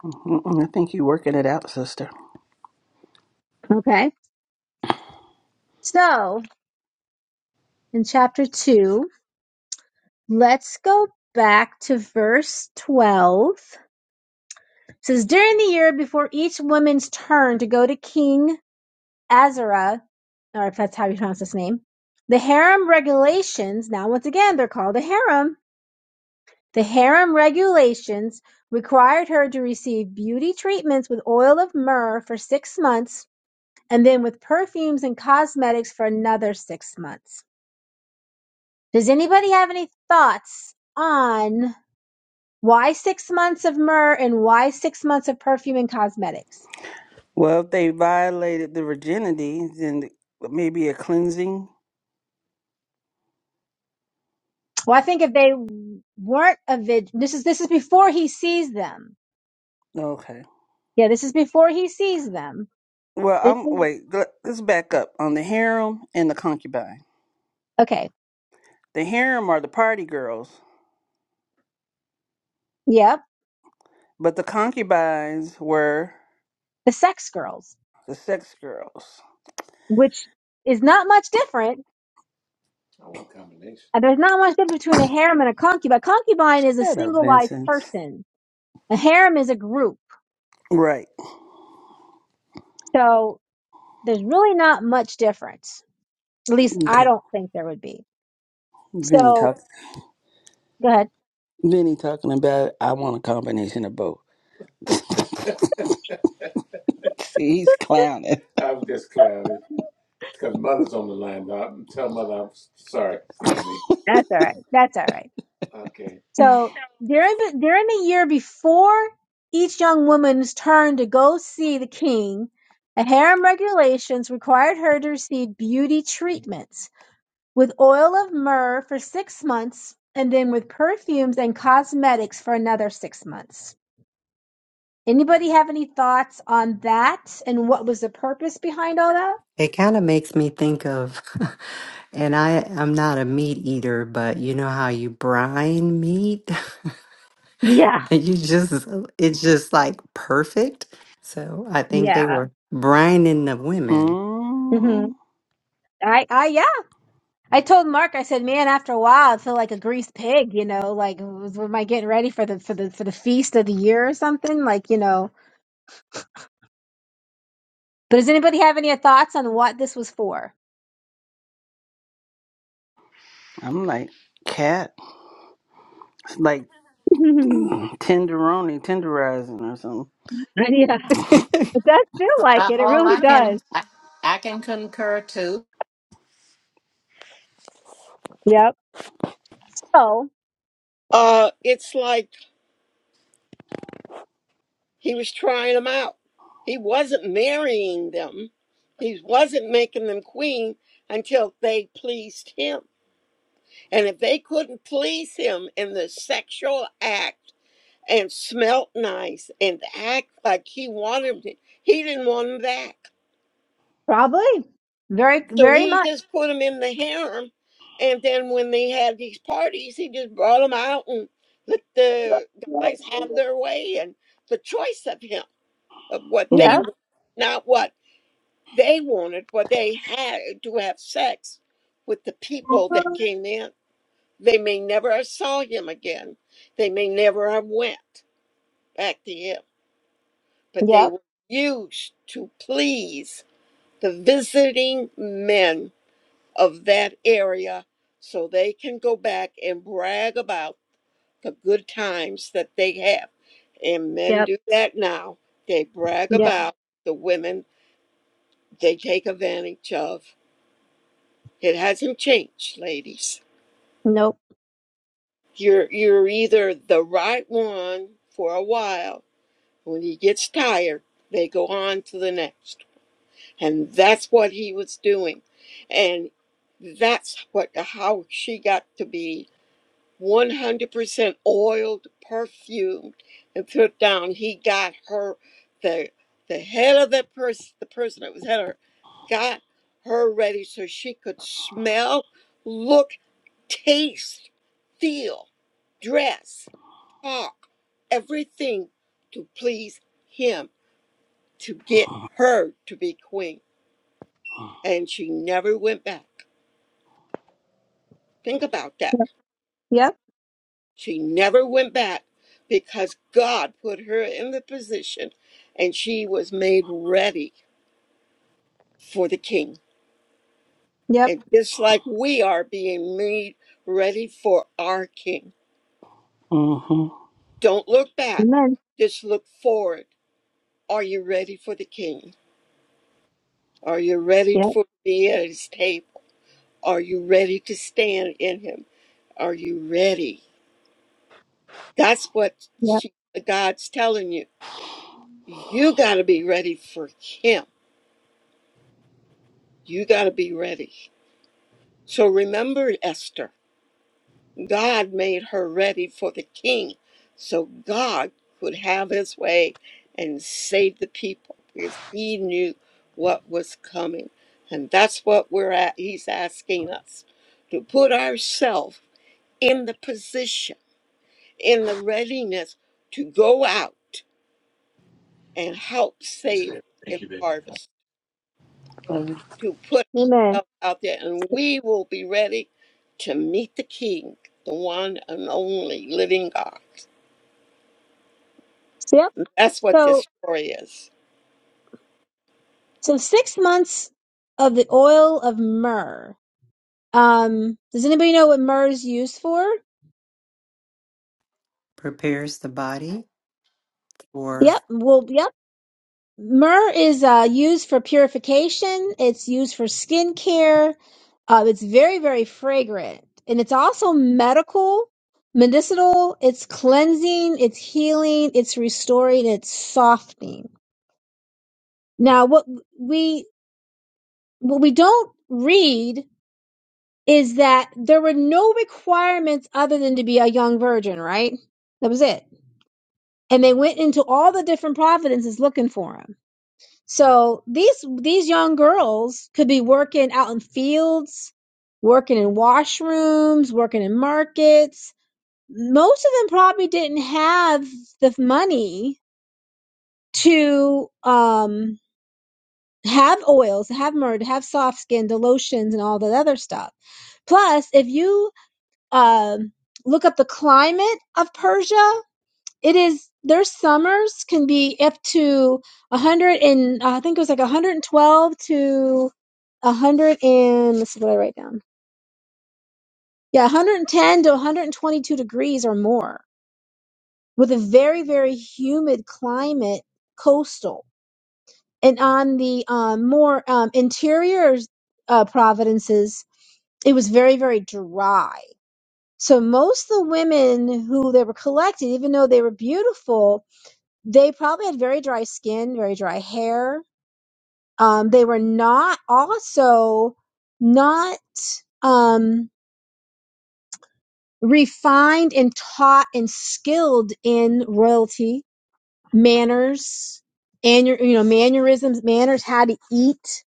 E: mhm, mm I think you're working it out, sister.
C: Okay. So in chapter two, let's go back to verse twelve. It says during the year before each woman's turn to go to King Azara, or if that's how you pronounce his name, the harem regulations. Now, once again, they're called a harem The harem regulations required her to receive beauty treatments with oil of myrrh for six months and then with perfumes and cosmetics for another six months. Does anybody have any thoughts on why six months of myrrh and why six months of perfume and cosmetics?
E: Well, if they violated the virginity, then maybe a cleansing.
C: Well, I think if they weren't a vid, this is this is before he sees them.
E: Okay.
C: Yeah, this is before he sees them.
E: Well,
C: This
E: I'm
C: is,
E: wait. le- Let's back up on the harem and the concubine.
C: okay.
E: The harem are the party girls,
C: Yep,
E: but the concubines were
C: the sex girls,
E: the sex girls.
C: which is not much different
E: I want a combination.
C: Uh, There's not much difference between a harem and a concubine. Concubine is a
E: Shut up,
C: singleized
E: Vincent.
C: person. A harem is a group.
E: Right.
C: So there's really not much difference. At least I
E: Okay.
C: don't think there would be.
E: Vinny
C: So
E: talk.
C: go ahead.
E: Vinny talking about I want a combination of both. See, he's clowning. I'm just clowning because mother's on the line. Now, I'm- tell mother I'm sorry, Stephanie.
C: That's all right. That's all right.
E: Okay.
C: So during the- during the year before each young woman's turn to go see the king, a harem regulations required her to receive beauty treatments. With oil of myrrh for six months, and then with perfumes and cosmetics for another six months. Anybody have any thoughts on that and what was the purpose behind all that?
G: It kind of makes me think of, and I I'm not a meat eater, but you know how you brine meat?
C: Yeah.
G: And You just it's just like perfect. So I think they
C: Yeah.
G: were brining the women.
C: hmm
E: Mm,
C: I, I, yeah. I told Mark, I said, man, after a while, I feel like a greased pig, you know, like, am I getting ready for the, for the, for the feast of the year or something? Like, you know, But does anybody have any thoughts on what this was for?
E: I'm like cat. It's like
C: yeah,
E: tenderoni, tenderizing or something.
C: it does feel
A: so
C: like
A: that's
C: it. It
A: all
C: really
A: i can
C: does.
A: i, I can concur too.
C: Yeah,
F: Uh, it's like He was trying them out. He wasn't marrying them. He wasn't making them queen until they pleased him. And if they couldn't please him in the sexual act and smelt nice and act like he wanted it, he didn't want them back.
C: Probably. Very,
F: So
C: very
F: he
C: much.
F: just put them in the harem. And then when they had these parties, he just brought them out and let the guys have their way and the choice of him, of what they
E: Mm,
C: yep,
F: want, not what They wanted or they had to have sex with the people that came in. They may never have saw him again. They may never have went back to him, but they
C: yep,
F: were used to please the visiting men of that area so they can go back and brag about the good times that they have. And men
C: yep,
F: do that now. They brag
C: yep.
F: about the women they take advantage of It hasn't changed, ladies.
C: Nope.
F: You're you're either the right one for a while. When he gets tired, they go on to the next. And that's what he was doing. And that's what how she got to be 100% oiled, perfumed, and put down. He got her the the head of that person, the person that was head of her, got her ready so she could smell, look taste, feel, dress, talk, everything to please him, to get her to be queen. And she never went back. Think about that.
C: Yep, yep,
F: She never went back because God put her in the position and she was made ready for the king.
C: yep.
F: And just like we are being made ready for our king.
E: mm-hmm.
F: Don't look back,
C: Amen.
F: just look forward. Are you ready for the king? Are you ready
C: Yep,
F: for to be at his table? Are you ready to stand in him? Are you ready? That's what
C: yep.
F: she, God's telling you. You got to be ready for him. You got to be ready. So remember, Esther, God made her ready for the king so God could have his way and save the people because he knew what was coming. And that's what we're at. He's asking us to put ourselves in the position, in the readiness to go out and help
E: Thanks,
F: save
E: baby.
F: in
E: Thank you, baby.
F: harvest,
E: Eleven,
F: to put
C: Amen.
F: ourselves out there, and we will be ready to meet the King, the one and only living God.
C: Yep.
F: That's what
C: So,
F: this story is.
C: so six months of the oil of myrrh. Um, does anybody know what myrrh is used for?
G: Prepares the body for,
C: Yep. Well, yep. Myrrh is uh, used for purification. It's used for skincare. Uh, it's very, very fragrant, and it's also medical, medicinal. It's cleansing. It's healing. It's restoring. It's softening. Now, what we what we don't read is that there were no requirements other than to be a young virgin, right? That was it. And they went into all the different providences looking for him. So these these young girls could be working out in fields, working in washrooms, working in markets. Most of them probably didn't have the money to um, have oils, have myrrh, to have soft skin, the lotions, and all that other stuff. Plus, if you um, look up the climate of Persia, it is their summers can be up to 100 and uh, i think it was like 112 to 100 and let's see what i write down yeah 110 to 122 degrees or more with a very very humid climate coastal and on the um, more um, interior uh, providences it was very very dry so most of the women who they were collecting even though they were beautiful They probably had very dry skin, very dry hair. Um, they were not also not um, refined and taught and skilled in royalty manners and you know mannerisms, manners, how to eat.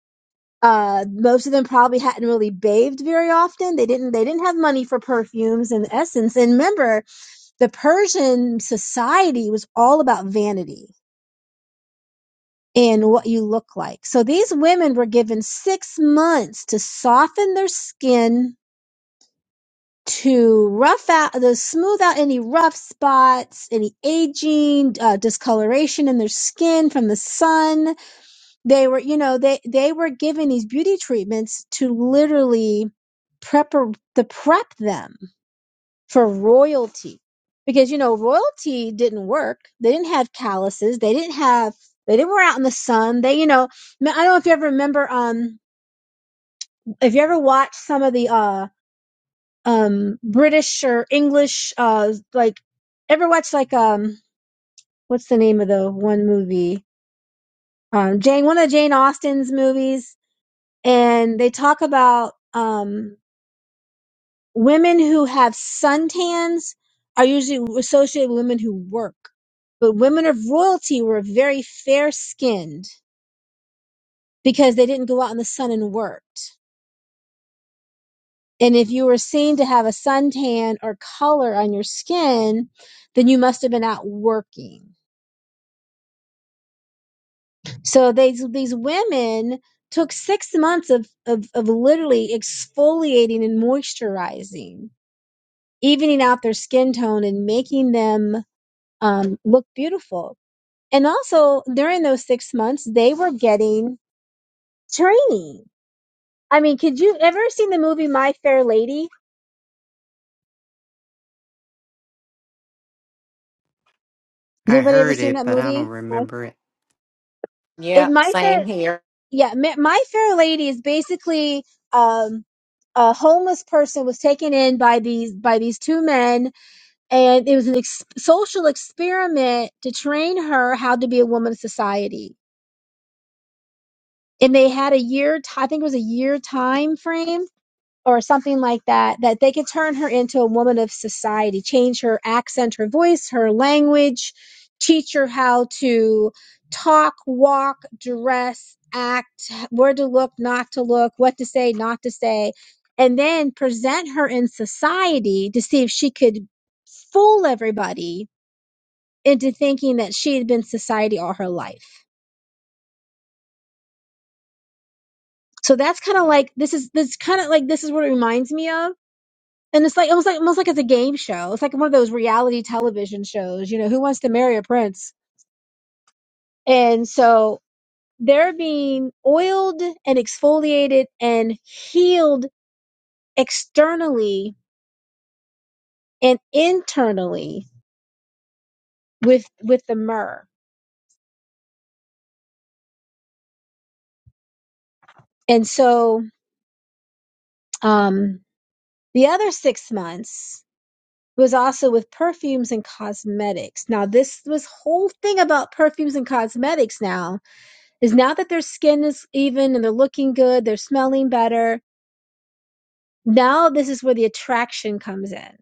C: Uh, most of them probably hadn't really bathed very often. They didn't. They didn't have money for perfumes and essence. And remember, the Persian society was all about vanity In what you look like. So these women were given six months to soften their skin, to rough out, to smooth out any rough spots, any aging, uh, discoloration in their skin from the sun. They were, you know, they, they were given these beauty treatments to literally prep, to prep them for royalty because you know royalty didn't work they didn't have calluses they didn't have they didn't were out in the sun they you know i don't know if you ever remember um if you ever watched some of the uh um british or english uh like ever watched like um what's the name of the one movie um jane one of jane austen's movies and they talk about um women who have suntans are usually associated with women who work. But women of royalty were very fair skinned because they didn't go out in the sun and worked. And if you were seen to have a suntan or color on your skin, then you must have been out working. So these these women took six months of, of, of literally exfoliating and moisturizing, evening out their skin tone and making them um, look beautiful And also during those six months, they were getting training. I mean, could you ever seen the movie My Fair Lady? Has
G: I
C: anybody ever
G: heard
C: seen
G: it,
C: that
G: but I don't
C: movie? Yes.
G: remember it.
C: In
A: yep
C: My
A: same
C: Fair,
A: here
C: yeah, Ma- My Fair Lady is basically um, a homeless person was taken in by these by these two men, and it was an ex- social experiment to train her how to be a woman of society. And they had a year, t- I think it was a year time frame or something like that, that they could turn her into a woman of society, change her accent, her voice, her language, teach her how to talk, walk, dress, act, where to look, not to look, what to say, not to say, and then present her in society to see if she could fool everybody into thinking that she had been society all her life. So that's kind of like this is this kind of like this is what it reminds me of And it's like almost like almost like it's a game show. It's like one of those reality television shows, you know, who wants to marry a prince? And so they're being oiled and exfoliated and healed externally and internally with with the myrrh. And so um the other six months was also with perfumes and cosmetics. Now this this whole thing about perfumes and cosmetics now is now that their skin is even and they're looking good, they're smelling better Now this is where the attraction comes in.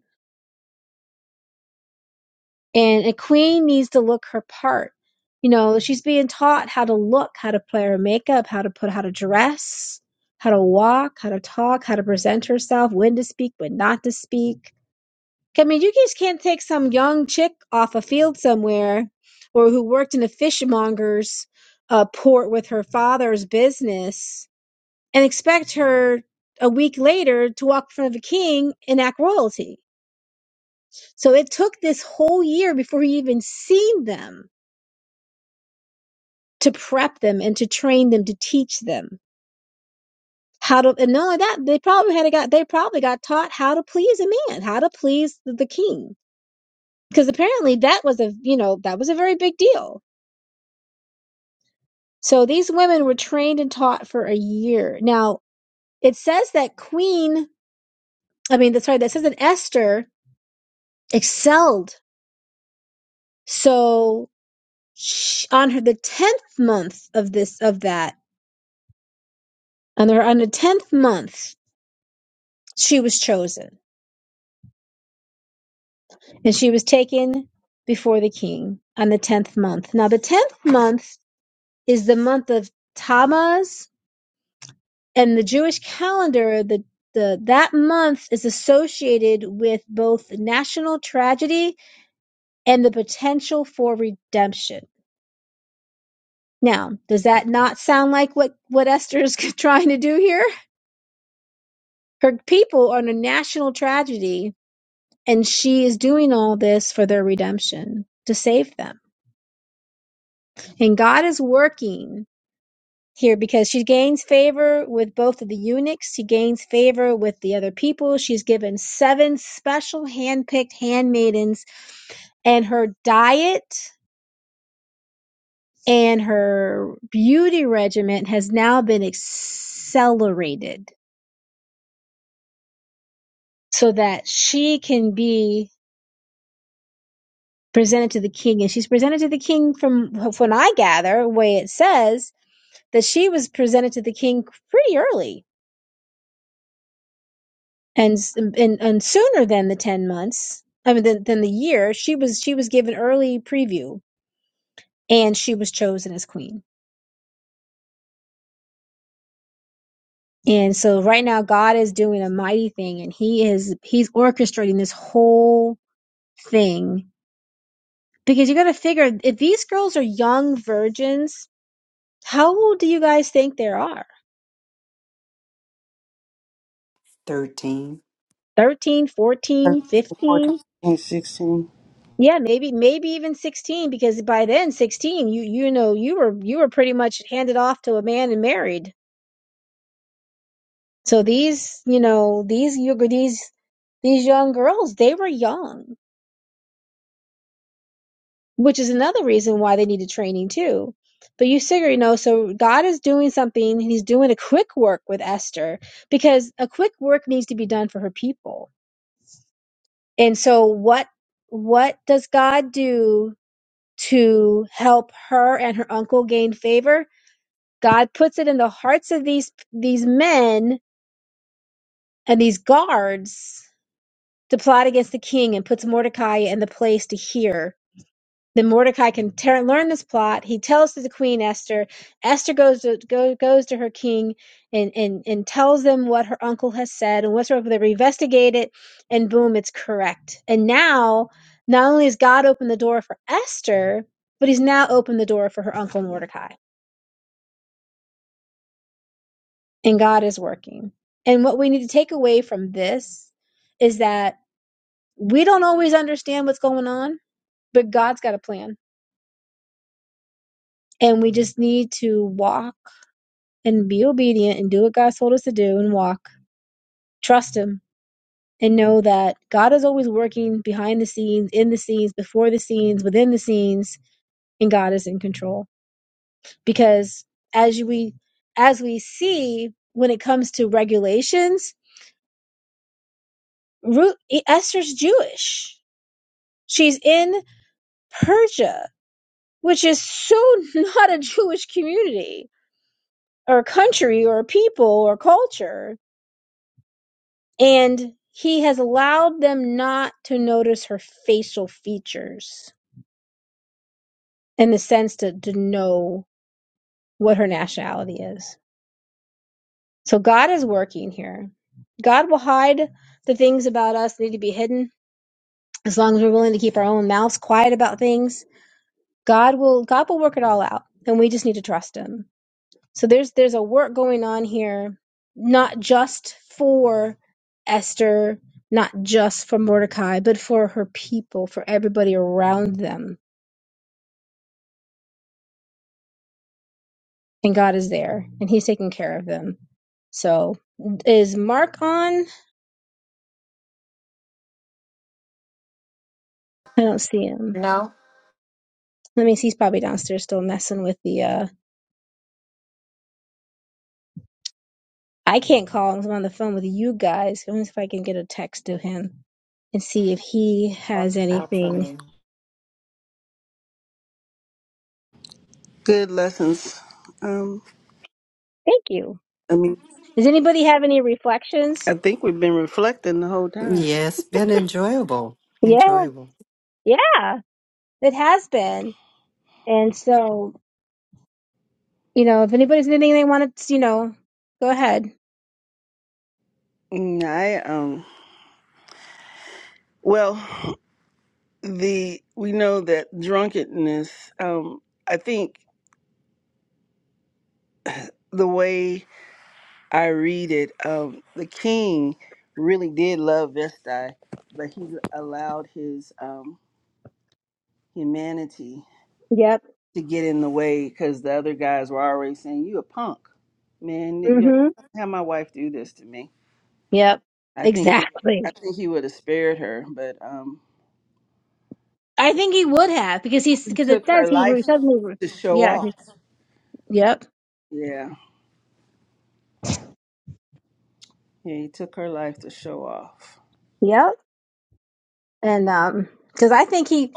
C: And a queen needs to look her part. You know, she's being taught how to look, how to play her makeup, how to put how to dress, how to walk, how to talk, how to present herself, when to speak, when not to speak. I mean, you just can't take some young chick off a field somewhere or who worked in a fishmonger's uh, port with her father's business and expect her a week later to walk in front of a king and act royalty So it took this whole year before he even seen them to prep them and to train them to teach them how to. And not only that, they probably had got they probably got taught how to please a man, how to please the the king, because apparently that was a you know that was a very big deal. So these women were trained and taught for a year. Now it says that Queen, I mean, that- sorry, that says that Esther excelled. So sh on her the tenth month of this of that, on her on the tenth month she was chosen and she was taken before the king on the 10th month. Now, the 10th month is the month of Tammuz and the Jewish calendar, the, the, that month is associated with both national tragedy and the potential for redemption. Now, does that not sound like what, what Esther is trying to do here? Her people are in a national tragedy and she is doing all this for their redemption to save them. And God is working here because she gains favor with both of the eunuchs. She gains favor with the other people. She's given seven special handpicked handmaidens, and her diet and her beauty regimen has now been accelerated so that she can be presented to the king. And she's presented to the king from, when I gather, the way it says that she was presented to the king pretty early and s- and and sooner than the 10 months i mean than, than the year she was she was given early preview and she was chosen as queen and so right now god is doing a mighty thing and he is he's orchestrating this whole thing because you got to figure if these girls are young virgins how old do you guys think there are
G: 13.
C: 13, 14, 15?
E: 14, 16.
C: yeah maybe maybe even 16 because by then 16 you you know you were you were pretty much handed off to a man and married So these, you know, these yoga- these these young girls, they were young, which is another reason why they needed training too. But you figure, you know, so God is doing something, and He's doing a quick work with Esther because a quick work needs to be done for her people. And so what what does God do to help her and her uncle gain favor? God puts it in the hearts of these these men and these guards to plot against the king and puts Mordecai in the place to hear. Then Mordecai can ter- learn this plot. He tells to the queen Esther. Esther goes to go, goes to her king and, and and tells them what her uncle has said and whatsoever. They investigate it, and boom, it's correct. And now, not only has God opened the door for Esther, but He's now opened the door for her uncle Mordecai, and God is working. And what we need to take away from this is that we don't always understand what's going on but God's got a plan. And we just need to walk and be obedient and do what God's told us to do and walk. Trust Him and know that God is always working behind the scenes, in the scenes, before the scenes, within the scenes, and God is in control. Because as we as we see when it comes to regulations, Ru- Esther's Jewish. She's in Persia, which is so not a Jewish community or country or people or culture and he has allowed them not to notice her facial features in the sense to, to know what her nationality is. So God is working here. God will hide the things about us that need to be hidden as long as we're willing to keep our own mouths quiet about things. God will God will work it all out, and we just need to trust Him. So there's there's a work going on here, not just for Esther, not just for Mordecai, but for her people, for everybody around them. And God is there, and He's taking care of them. So is Mark on? I don't see him.
A: no
C: Let me see. He's probably downstairs still messing with the. uh I can't call him. I'm on the phone with you guys. Let me see if I can get a text to him and see if he has
A: i'll
C: anything.
A: try
E: Good lessons. Um,
C: Thank you.
E: I mean,
C: Does anybody have any reflections?
E: I think we've been reflecting the whole time.
G: Yes, been enjoyable.
C: Yeah.
G: Enjoyable.
C: Yeah, it has been. And so, you know, if anybody's anything they want to, you know, go ahead.
E: Mm, I um. Well, the we know that drunkenness. Um, I think the way I read it, um, the king really did love Vestai, but he allowed his um, humanity
C: Yep.
E: to get in the way because the other guys were already saying, "You a punk, man! You
C: Mm-hmm.
E: have my wife do this to me."
C: Yep.
E: I think I
C: Exactly.
E: think he would have spared her, but um,
C: I think he would have because he's
E: he
C: because it
E: took her
C: says he re-
E: life
C: suddenly. re-
E: to show
C: Yeah. he-
E: off.
C: Yep.
E: Yeah, yeah, he took her life to show off.
C: Yep. And um, because I think he,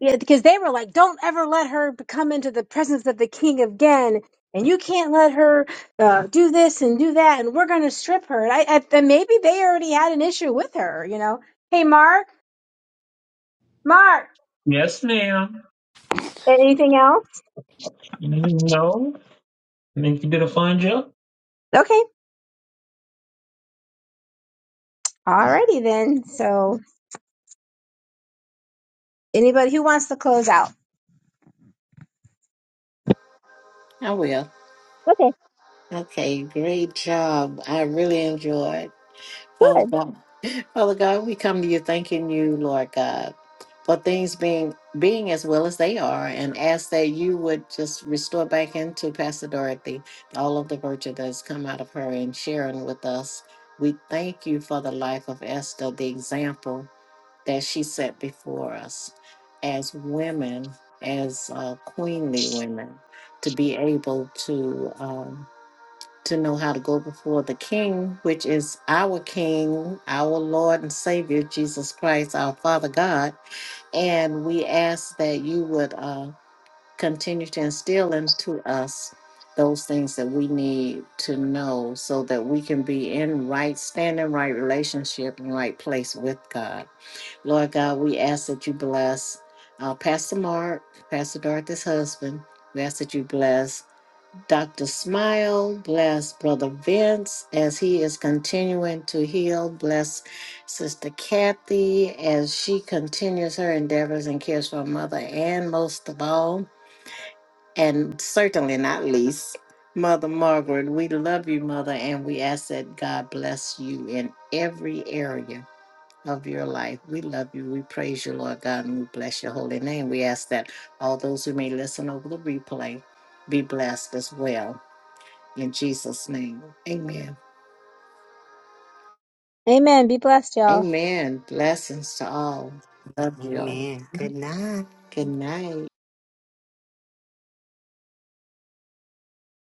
C: yeah, because they were like, don't ever let her come into the presence of the king again. And you can't let her uh, do this and do that, and we're going to strip her. And I, I, and maybe they already had an issue with her, you know. Hey, Mar, Mark.
D: Yes, ma'am.
C: Anything else?
D: No, I think you did a fine job.
C: Okay. Alrighty then. So anybody who wants to close out.
A: i will okay great job i really enjoyed Father God. Father God, we come to you thanking you, Lord God, for things being being as well as they are, and ask that you would just restore back into Pastor Dorothy all of the virtue that has come out of her and sharing with us. We thank you for the life of Esther, the example that she set before us as women, as uh, queenly women, to be able to. Um, to know how to go before the King, which is our King, our Lord and Savior, Jesus Christ, our Father God. And we ask that you would uh, continue to instill into us those things that we need to know so that we can be in right standing, right relationship, and right place with God. Lord God, we ask that you bless uh, Pastor Mark, Pastor Dorothy's husband. We ask that you bless Dr. Smile, bless Brother Vince as he is continuing to heal. Bless Sister Kathy as she continues her endeavors and cares for her mother, and most of all, and certainly not least, Mother Margaret. We love you, Mother, and we ask that God bless you in every area of your life. We love you. We praise you, Lord God, and we bless your holy name. We ask that all those who may listen over the replay be blessed as well. In Jesus' name, amen.
C: Amen. Be blessed, y'all.
A: Amen. Blessings to all. Love you all.
G: Amen. Good night.
A: Good night.